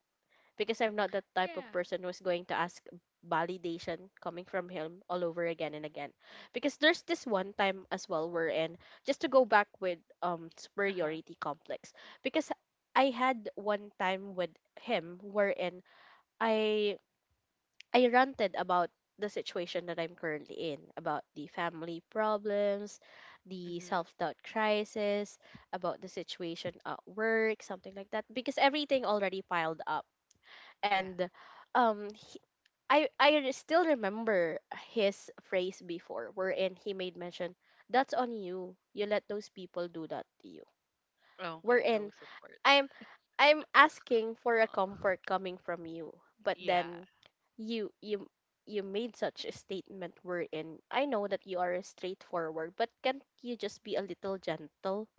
[SPEAKER 1] because I'm not that type of
[SPEAKER 2] Yeah.
[SPEAKER 1] person who's going to ask validation coming from him all over again and again. Because there's this one time as well wherein, just to go back with
[SPEAKER 2] Uh-huh.
[SPEAKER 1] superiority complex, because I had one time with him wherein I I ranted about the situation that I'm currently in, about the family problems, the
[SPEAKER 2] Mhm.
[SPEAKER 1] self doubt crisis, about the situation at work, something like that, because everything already piled up.
[SPEAKER 2] Yeah.
[SPEAKER 1] And he, I re- still remember his phrase before, wherein he made mention, "That's on you. You let those people do that to you."
[SPEAKER 2] Oh, okay. No
[SPEAKER 1] Wherein
[SPEAKER 2] support.
[SPEAKER 1] I'm I'm asking for a
[SPEAKER 2] Oh.
[SPEAKER 1] comfort coming from you, but
[SPEAKER 2] Yeah.
[SPEAKER 1] then you you you made such a statement wherein I know that you are straightforward, but can't you just be a little gentle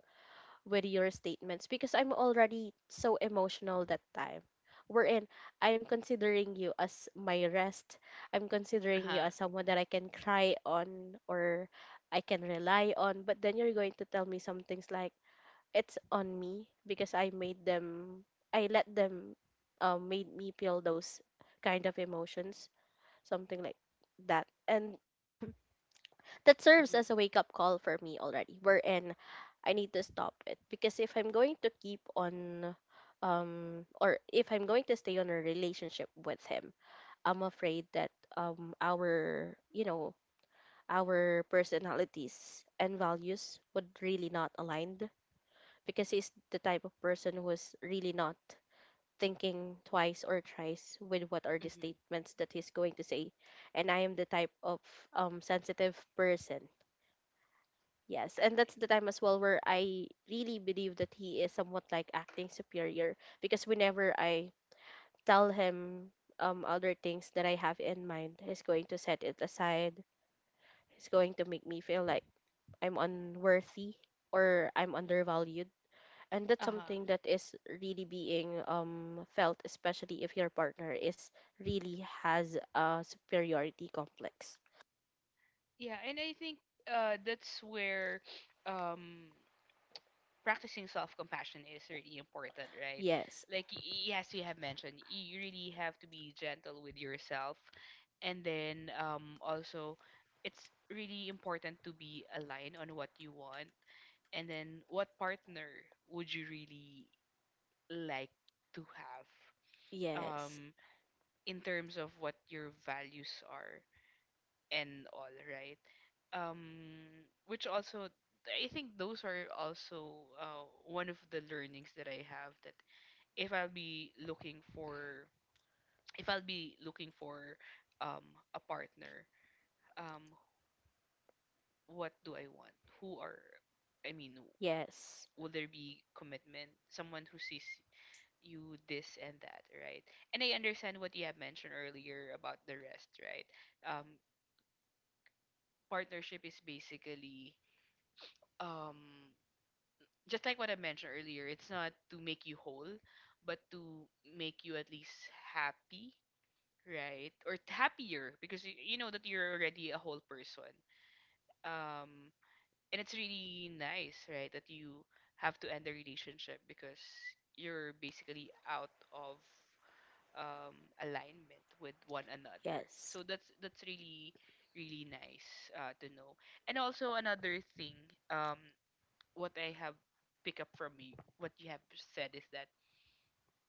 [SPEAKER 1] with your statements? Because I'm already so emotional that time. Wherein I'm considering you as my rest. I'm considering you
[SPEAKER 2] Uh-huh.
[SPEAKER 1] as someone that I can cry on or I can rely on. But then you're going to tell me some things like it's on me because I let them made me feel those kind of emotions, something like that. And that serves
[SPEAKER 2] Mhm.
[SPEAKER 1] as a wake up call for me already. Wherein I need to stop it because if I'm going to keep on or if I'm going to stay on a relationship with him, I'm afraid that our you know our personalities and values would really not align because he's the type of person who is really not thinking twice or thrice with what are the
[SPEAKER 2] Mhm.
[SPEAKER 1] statements that he's going to say. And I am the type of sensitive person. Yes, and
[SPEAKER 2] Align.
[SPEAKER 1] that's the time as well where I really believe that he is somewhat like acting superior because whenever I tell him other things that I have in mind, he's going to set it aside. He's going to make me feel like I'm unworthy or I'm undervalued and that's
[SPEAKER 2] Uh-huh.
[SPEAKER 1] something that is really being felt, especially if your partner is really has a superiority complex.
[SPEAKER 2] Yeah, and I think that's where um practicing self-compassion is really important, right?
[SPEAKER 1] Yes.
[SPEAKER 2] Like yes, you have mentioned, you really have to be gentle with yourself, and then also, it's really important to be aligned on what you want, and then what partner would you really like to have,
[SPEAKER 1] Yes.
[SPEAKER 2] in terms of what your values are and all, right? Um, which also, I think those are also, one of the learnings that I have that if I'll be looking for, if I'll be looking for um, a partner. Um, what do I want? Who are, I mean,
[SPEAKER 1] Yes.
[SPEAKER 2] will there be commitment? Someone who sees you this and that, right? And I understand what you have mentioned earlier about the rest, right? Um, partnership is basically, um just like what I mentioned earlier, it's not to make you whole, but to make you at least happy, right? Or happier because you know that you're already a whole person. Um, and it's really nice, right? That you have to end the relationship because you're basically out of um, alignment with one another.
[SPEAKER 1] Yes.
[SPEAKER 2] So that's really really nice to know. And also another thing, what I have picked up from you, what you have said is that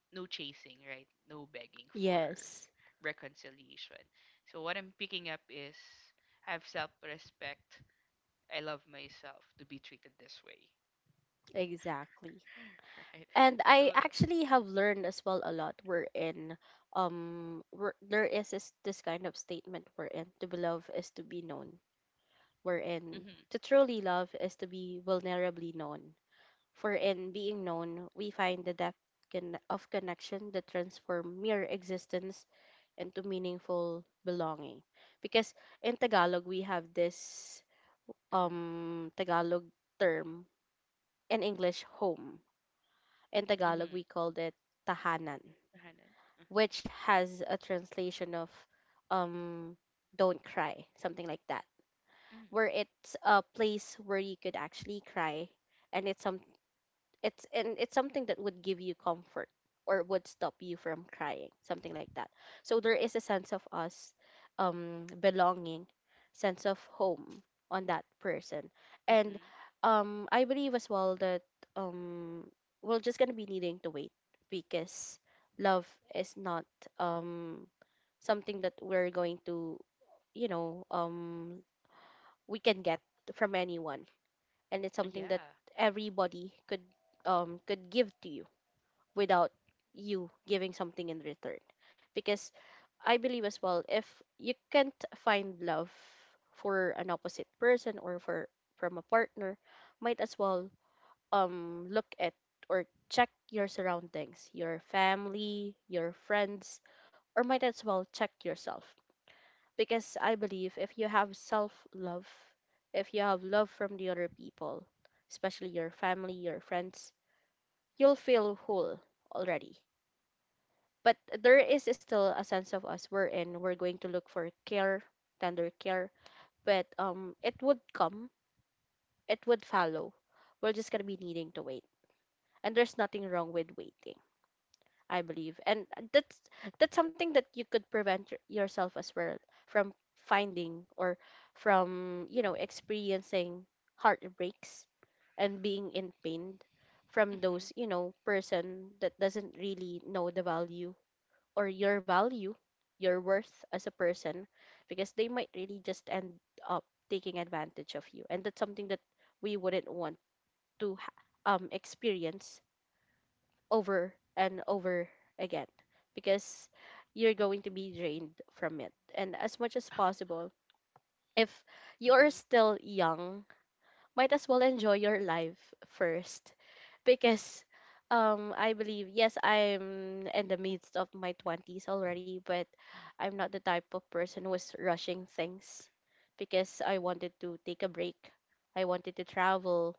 [SPEAKER 2] no chasing, right? No begging for
[SPEAKER 1] Yes.
[SPEAKER 2] reconciliation. So what I'm picking up is have self-respect. I love myself to be treated this way,
[SPEAKER 1] Exactly.
[SPEAKER 2] (laughs) right?
[SPEAKER 1] And I
[SPEAKER 2] So,
[SPEAKER 1] actually have learned as well a lot. We're in where, there is this kind of statement. We're in, to be loved is to be known. We're in,
[SPEAKER 2] mhm,
[SPEAKER 1] to truly love is to be vulnerably known. For in being known, we find the depth of connection that transform mere existence into meaningful belonging. Because in Tagalog, we have this
[SPEAKER 2] mhm,
[SPEAKER 1] Tagalog term, in English, home. In Tagalog,
[SPEAKER 2] mhm,
[SPEAKER 1] we called it tahanan,
[SPEAKER 2] Tahanan,
[SPEAKER 1] which
[SPEAKER 2] uh-huh,
[SPEAKER 1] has a translation of um, don't cry, something like that,
[SPEAKER 2] mm,
[SPEAKER 1] where it's a place where you could actually cry. And it's something that would give you comfort or would stop you from crying, something like that. So there is a sense of us belonging, sense of home on that person. And
[SPEAKER 2] mhm,
[SPEAKER 1] I believe as well that um we're just going to be needing to wait, because love is not um something that we're going to you know we can get from anyone, and it's something that
[SPEAKER 2] yeah,
[SPEAKER 1] everybody could give to you without you giving something in return. Because I believe as well, if you can't find love for an opposite person or for from a partner, might as well look at or check your surroundings, your family, your friends, or might as well check yourself. Because I believe if you have self love, if you have love from the other people, especially your family, your friends, you'll feel
[SPEAKER 2] mhm,
[SPEAKER 1] whole already. But there is still a sense of us we're in we're going to look for care, tender care. But it would come, it would follow. We're just gonna be needing to wait, and there's nothing wrong with waiting, I believe. And that's that's something that you could prevent yourself as well from finding or from experiencing heartbreaks and being in pain from
[SPEAKER 2] mhm,
[SPEAKER 1] those person that doesn't really know the value or your value, your worth as a person, because they might really just end up taking advantage of you. And that's something that we wouldn't want to experience over and over again, because you're going to be drained from it. And as much as
[SPEAKER 2] uh-huh,
[SPEAKER 1] possible, if you're
[SPEAKER 2] mhm,
[SPEAKER 1] still young, might as well enjoy your life first. Because I believe, yes, I'm in the midst of my 20s already, but I'm not the type of person who was rushing things, because I wanted to take a break, I wanted to travel.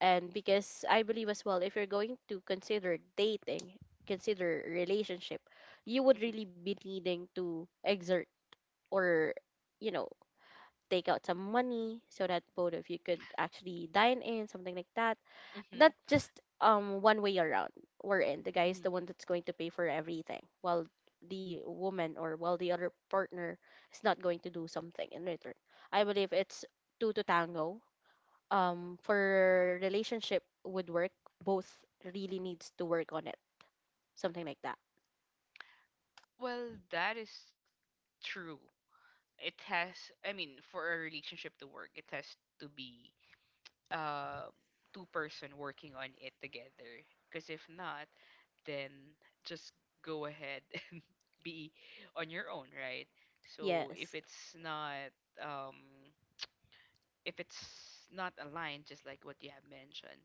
[SPEAKER 1] And because I believe as well, if you're going to consider dating, consider relationship, you would
[SPEAKER 2] mhm,
[SPEAKER 1] really be needing to exert or you know take out some money so that both of you could actually dine in, something like that. Not
[SPEAKER 2] mhm,
[SPEAKER 1] just one way around. We're in. The guy is the
[SPEAKER 2] mhm.
[SPEAKER 1] one
[SPEAKER 2] (laughs)
[SPEAKER 1] that's going to pay for everything, while the woman or while the other partner is not going to do something in return. I believe it's two to tango. For relationship would work, both really needs to work on it. Something like that.
[SPEAKER 2] Well, that is true. It has, I mean, for a relationship to work it has to be um two-person working on it together, because if not, then just go ahead (laughs) and be on your own, right? So
[SPEAKER 1] Yes.
[SPEAKER 2] um if it's not aligned, just like what you have mentioned,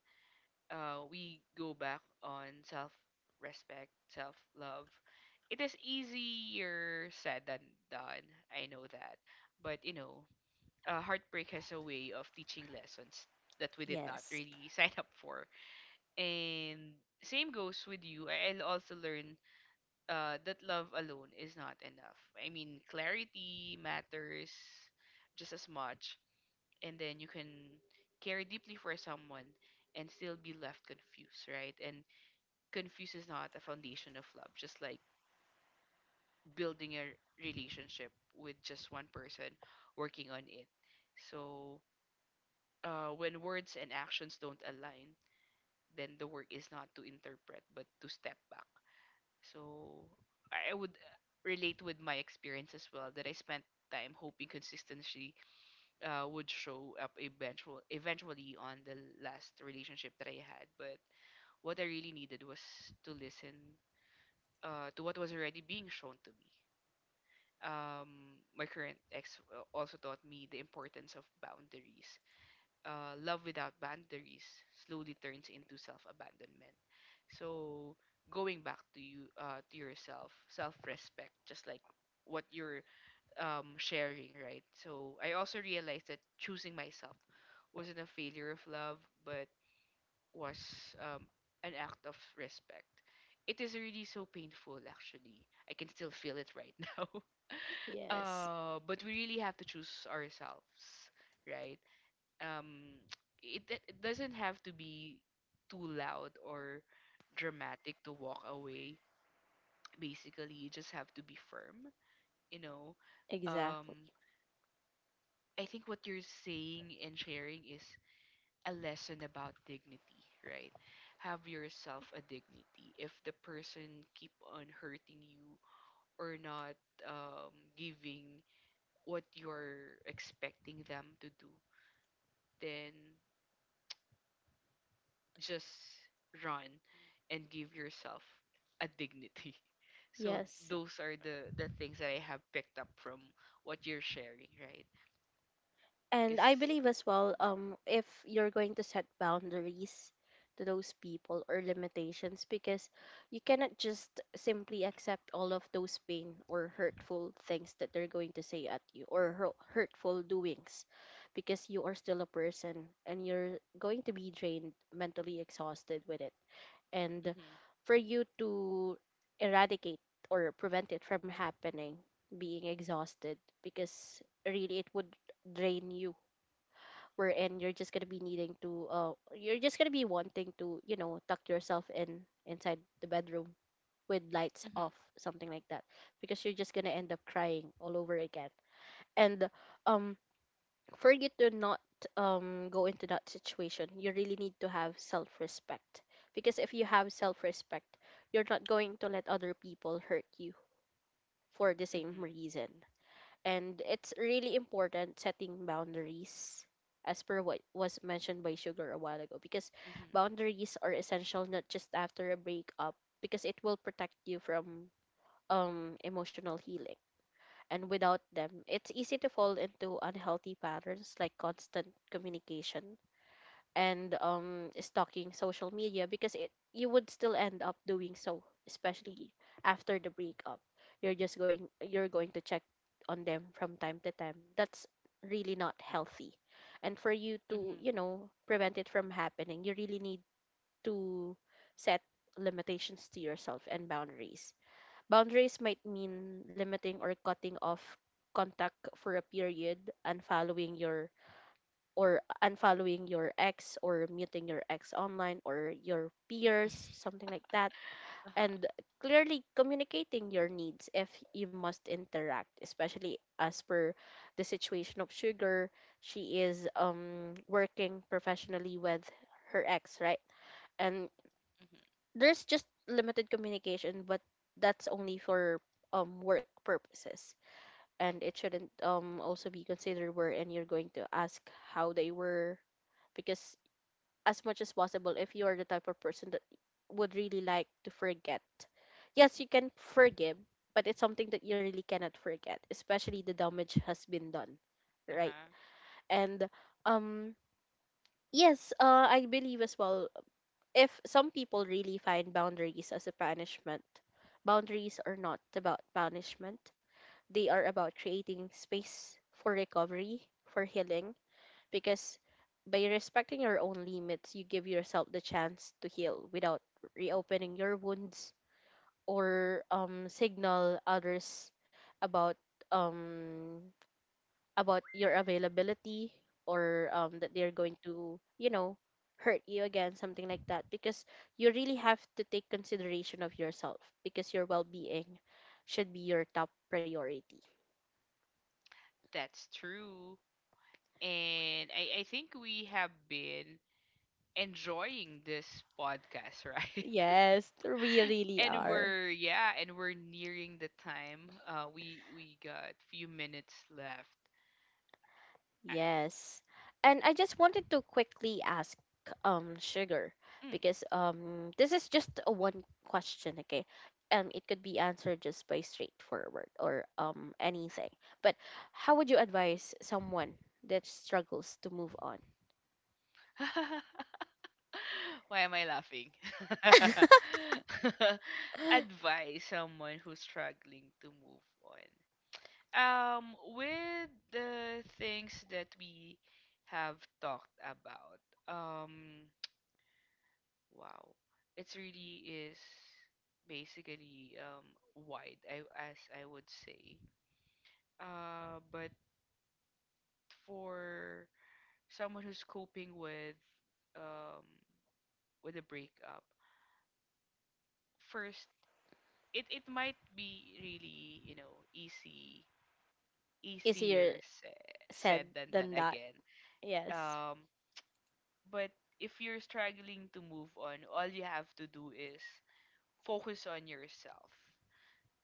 [SPEAKER 2] uh, we go back on self respect self love it is easier said than done, I know that, but you know, heartbreak has a way of teaching lessons that we did not
[SPEAKER 1] Yes.
[SPEAKER 2] really (laughs) sign up for. And same goes with you. I'll also learn that love alone is not enough. I mean, clarity matters just as much. And then you can care deeply for someone and still be left confused, right? And confused is not a foundation of love, just like building a relationship with just one person working on it. So when words and actions don't align, then the work is not to interpret but to step back. So I would relate with my experience as well, that I spent time hoping consistency would show up eventually on the last relationship that I had. But what I really needed was to listen to what was already being shown to me. My current ex also taught me the importance of boundaries. Love without boundaries slowly turns into self-abandonment. So going back to you to yourself, self-respect, just like what you're sharing, right? So I also realized that choosing myself wasn't a failure of love, but was um, an act of respect. It is really so painful, actually. I can still feel it right (laughs) now.
[SPEAKER 1] Yes.
[SPEAKER 2] But we really have to choose ourselves, right? um (tsk) it doesn't have to be too loud or dramatic to walk away. Basically you just have to be firm, you know.
[SPEAKER 1] Exactly.
[SPEAKER 2] um I think what you're saying and sharing is a lesson about dignity, right? Have yourself a dignity. If the person keep on hurting you or not giving what you're expecting them to do, then just run and give yourself a dignity. (laughs) So
[SPEAKER 1] Yes.
[SPEAKER 2] those are the things that I have picked up from what you're sharing, right?
[SPEAKER 1] And
[SPEAKER 2] Because
[SPEAKER 1] I believe as well, if you're going to set boundaries to those people or limitations, because you cannot just simply accept all of those pain or hurtful things that they're going to say at you or hurtful doings, because you are still a person and you're going to be drained, mentally exhausted with it. And
[SPEAKER 2] mhm,
[SPEAKER 1] for you to eradicate or prevent it from happening, being exhausted, because really it would drain you, wherein you're just gonna be needing to you're just gonna be wanting to tuck yourself in inside the bedroom with lights
[SPEAKER 2] mhm,
[SPEAKER 1] off, something like that, because you're just gonna end up crying all over again. And um for you to not go into that situation, you really need to have self-respect. Because if you have self-respect, you're not going to let other people hurt you for the same
[SPEAKER 2] mhm,
[SPEAKER 1] reason. And it's really important setting boundaries, as per what was mentioned by Sugar a while ago, because
[SPEAKER 2] mhm,
[SPEAKER 1] boundaries are essential not just after a breakup, because it will protect you from emotional healing. And without them, it's easy to fall into unhealthy patterns like constant communication and stalking social media. Because it you would still end up doing so, especially after the breakup. You're going to check on them from time to time. That's really not healthy. And for you to
[SPEAKER 2] mhm,
[SPEAKER 1] prevent it from happening, you really need to set limitations to yourself and boundaries. Boundaries might mean limiting or cutting off contact for a period, and following your or unfollowing your ex or muting your ex online or your peers, something like that.
[SPEAKER 2] uh-huh,
[SPEAKER 1] And clearly communicating your needs if you must interact, especially as per the situation of Sugar. She is working professionally with her ex, right? And
[SPEAKER 2] mhm,
[SPEAKER 1] there's just limited communication, but that's only for work purposes, and it shouldn't also be considered wherein you're going to ask how they were, because as much as possible, if you are the type of person that would really like to forget. Yes, you can forgive, but it's something that you really cannot forget, especially the damage has been done, right?
[SPEAKER 2] uh-huh,
[SPEAKER 1] And um yes, I believe as well, if some people really find boundaries as a punishment, boundaries are not about punishment. They are about creating space for recovery, for healing, because by respecting your own limits, you give yourself the chance to heal without reopening your wounds or signal others about, um, about your availability or that they're going to hurt you again, something like that, because you really have to take consideration of yourself, because your well-being should be your top priority.
[SPEAKER 2] that's true. And I think we have been enjoying this podcast, right? (laughs)
[SPEAKER 1] Yes, we really
[SPEAKER 2] And
[SPEAKER 1] are.
[SPEAKER 2] we're, yeah, and we're nearing the time. Uh, we got few minutes left.
[SPEAKER 1] Yes. And I just wanted to quickly ask Sugar, because this is just a one question, okay? It could be answered just by straightforward or anything. But how would you advise someone that struggles to move on?
[SPEAKER 2] (laughs) Why am I laughing? (laughs)
[SPEAKER 1] (laughs)
[SPEAKER 2] Advise someone who's struggling to move on. Um, with the things that we have talked about, um, (tsk) wow, it really is basically wide, I as I would say. But for someone who's coping um with a breakup, first it might be really, you know, easy,
[SPEAKER 1] Easier
[SPEAKER 2] easier
[SPEAKER 1] said
[SPEAKER 2] said than
[SPEAKER 1] than
[SPEAKER 2] done
[SPEAKER 1] that.
[SPEAKER 2] again.
[SPEAKER 1] Yes.
[SPEAKER 2] um but if you're struggling to move on, all you have to do is focus on yourself,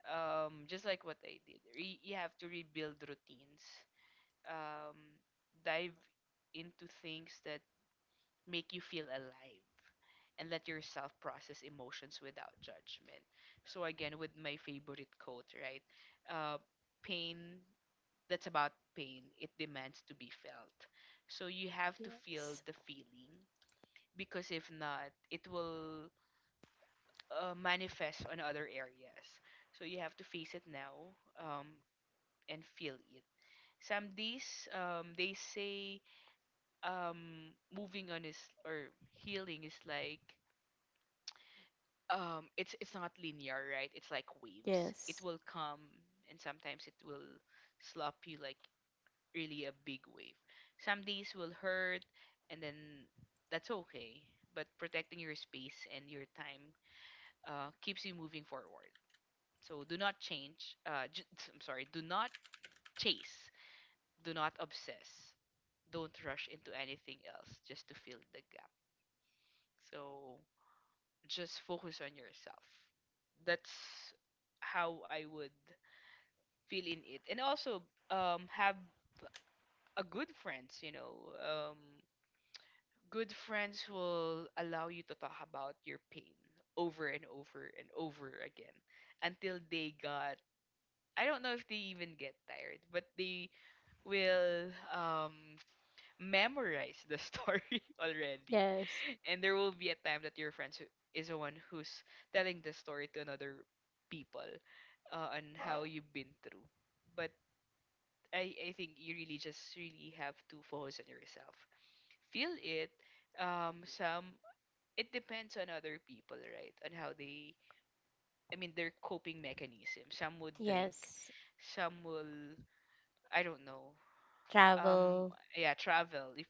[SPEAKER 2] just like what I did. You have to rebuild routines, um dive into things that make you feel alive, and let yourself process emotions without judgment. So again, with my favorite quote, right? Uh, pain, that's about pain. It demands to be felt. So you have to feel
[SPEAKER 1] Yes.
[SPEAKER 2] the feeling, because if not, it will manifest on other areas. So you have to face it now and feel it. Some days they say moving on is, or healing is like, it's not linear, right? It's like waves. It
[SPEAKER 1] Yes.
[SPEAKER 2] will come, and sometimes it will slap you like really a big wave. Some days will hurt, and then that's okay. But protecting your space and your time keeps you moving forward. So do not change, (laughs) (tsk) I'm sorry, do not chase, do not obsess, don't rush into anything else just to fill the gap. So just focus on yourself. That's how I would feel in it. And also have a good friends, you know. Um, good friends will allow you to talk about your pain over and over and over again, until they got, I don't know if they even get tired, but they will memorize the (laughs) story already.
[SPEAKER 1] Yes.
[SPEAKER 2] And there will be a time that your is the one who's telling the story to another people on how you've been through. But I think you really just really have to focus on yourself, feel it, some, it depends on other people, right, on how they, I mean their coping mechanism. Some would drink,
[SPEAKER 1] Yes.
[SPEAKER 2] some will, I don't know, um
[SPEAKER 1] Travel.
[SPEAKER 2] yeah, travel if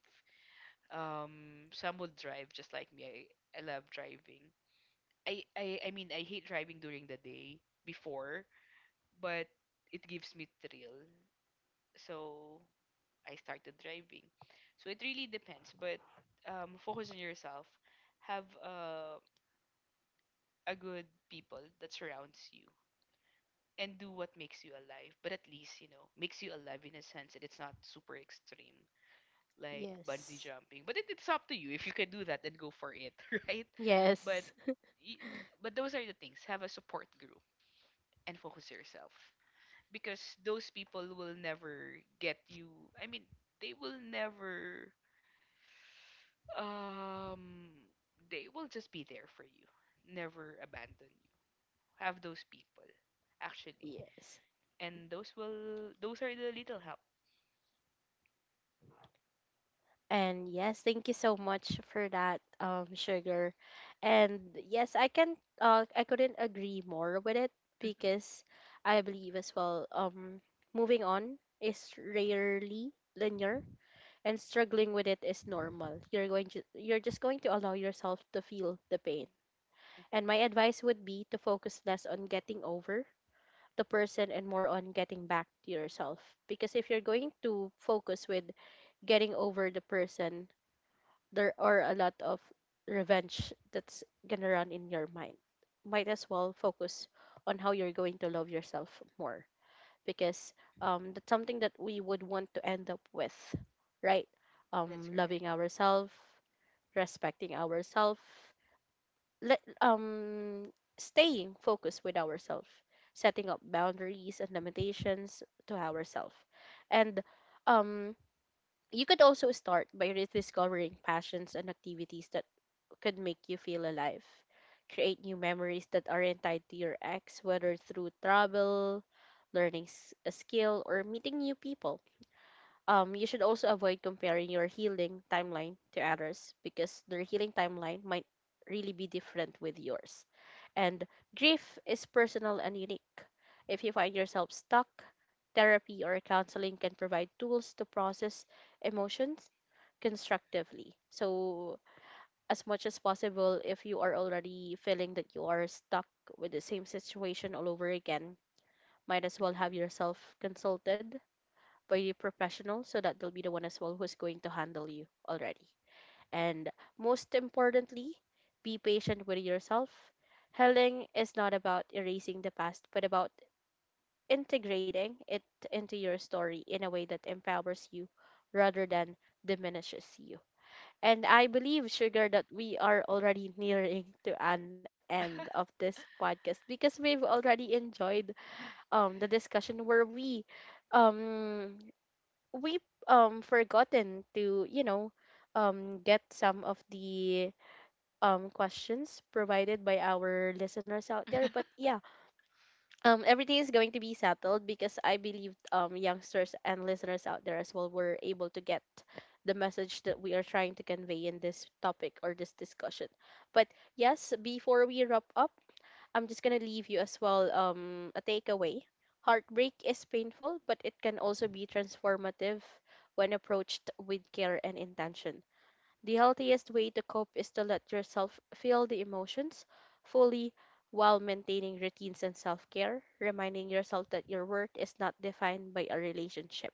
[SPEAKER 2] some will drive just like me. I love driving. I mean, I hate driving during the day before, but it gives me thrill. So I started driving. So it really depends, but focus on yourself. Have a good people that surrounds you, and do what makes you alive. But at least, you know, makes you alive in a sense that it's not super extreme, like bungee
[SPEAKER 1] Yes.
[SPEAKER 2] jumping. But it's up to you. If you can do that, then go for it, (laughs) right? But
[SPEAKER 1] Yes.
[SPEAKER 2] y- but those are the things. Have a support group and focus yourself, because those people will never get you, I mean, they will never um they will just be there for you, never abandon you. Have those people, actually,
[SPEAKER 1] Yes.
[SPEAKER 2] and those are the little help.
[SPEAKER 1] And yes, thank you so much for that, Sugar. And yes, I couldn't agree more with it.
[SPEAKER 2] Hmm,
[SPEAKER 1] Because I believe as well, moving on is rarely linear and struggling with it is normal. You're just going to allow yourself to feel the pain. And my
[SPEAKER 2] hmm,
[SPEAKER 1] advice would be to focus less on getting over the person and more on getting back to yourself. Because if you're going to focus with getting over the person, there are a lot of revenge that's gonna run in your mind. Might as well focus on how you're going to love yourself more, because that's something that we would want to end up with, right?
[SPEAKER 2] that's correct.
[SPEAKER 1] Loving ourselves, respecting ourselves, let staying focused with ourselves, setting up boundaries and limitations to ourselves, and um you could also start by rediscovering passions and activities that could make you feel alive. Create new memories that aren't tied to your ex, whether through travel, learning a skill, or meeting new people. You should also avoid comparing your healing timeline to others, because their healing timeline might really be different with yours. And grief is personal and unique. If you find yourself stuck, therapy or counseling can provide tools to process emotions constructively. So, as much as possible, if you are already feeling that you are stuck with the same situation all over again, might as well have
[SPEAKER 2] Hmm,
[SPEAKER 1] yourself consulted by the professional, so that they'll be the one as well who's going to handle you already. And most importantly, be patient with yourself. Healing is not about erasing the past, but about integrating it into your story in a way that empowers you rather than diminishes you. And I believe, Sugar, that we are already nearing to an end
[SPEAKER 2] hmm,
[SPEAKER 1] of this podcast, because we've already enjoyed the discussion, where um we forgotten to get some of the questions provided by our listeners out there. But yeah, everything is going to be settled, because I believe youngsters and listeners out there as well were able to get the message that we are trying to convey in this topic or this discussion. But yes, before we wrap up, I'm just gonna leave you as well a takeaway. Heartbreak is painful, but it can also be transformative when approached with care and intention. The healthiest way to cope is to let yourself feel the emotions fully, while maintaining routines and self care, reminding yourself that your worth is not defined by a relationship.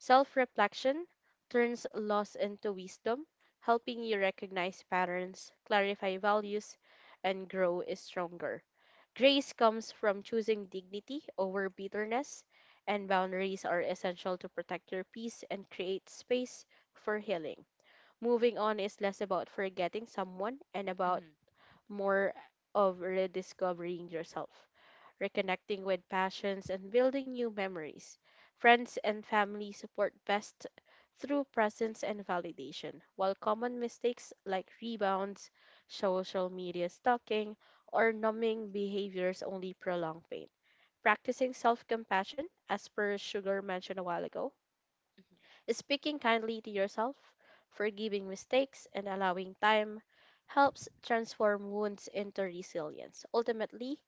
[SPEAKER 1] Self reflection turns loss into wisdom, helping you recognize patterns, clarify values, and grow stronger. Grace comes from choosing dignity over bitterness, and boundaries are essential to protect your peace and create space for healing. Moving on is less about forgetting someone and about
[SPEAKER 2] hmm.
[SPEAKER 1] more of rediscovering yourself, reconnecting with passions, and building new memories. Friends and family support best through presence and validation, while common mistakes like rebounds, social media stalking, or numbing behaviors only prolong pain. Practicing self compassion, as per Sugar mentioned a while ago,
[SPEAKER 2] (laughs)
[SPEAKER 1] speaking kindly to yourself, forgiving mistakes, and allowing time helps transform wounds into resilience. Ultimately,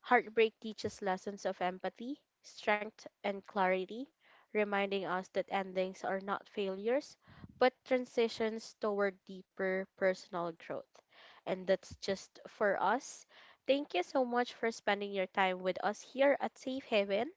[SPEAKER 1] heartbreak teaches lessons of empathy, strength, and clarity, reminding us that endings are not failures, but transitions toward deeper personal growth. And that's just for us. Thank you so much for spending your time with us here at Safe Haven.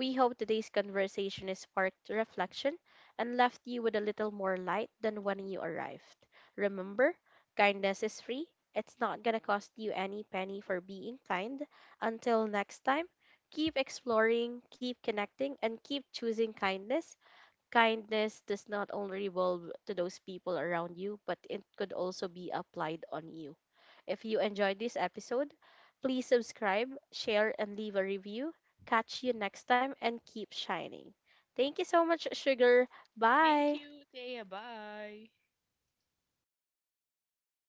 [SPEAKER 1] We hope today's conversation has sparked reflection and left you with a little more light than when you arrived. Remember, kindness is free. It's not gonna cost you any penny for being kind. Until next time, keep exploring, keep connecting, and keep choosing kindness. Kindness does not only revolve to those people around you, but it could also be applied on you. If you enjoyed this episode, please subscribe, share, and leave a review. Catch you next time and keep shining. Thank you so much, Sugar.
[SPEAKER 2] Thank
[SPEAKER 1] Bye.
[SPEAKER 2] you, Thea. Bye.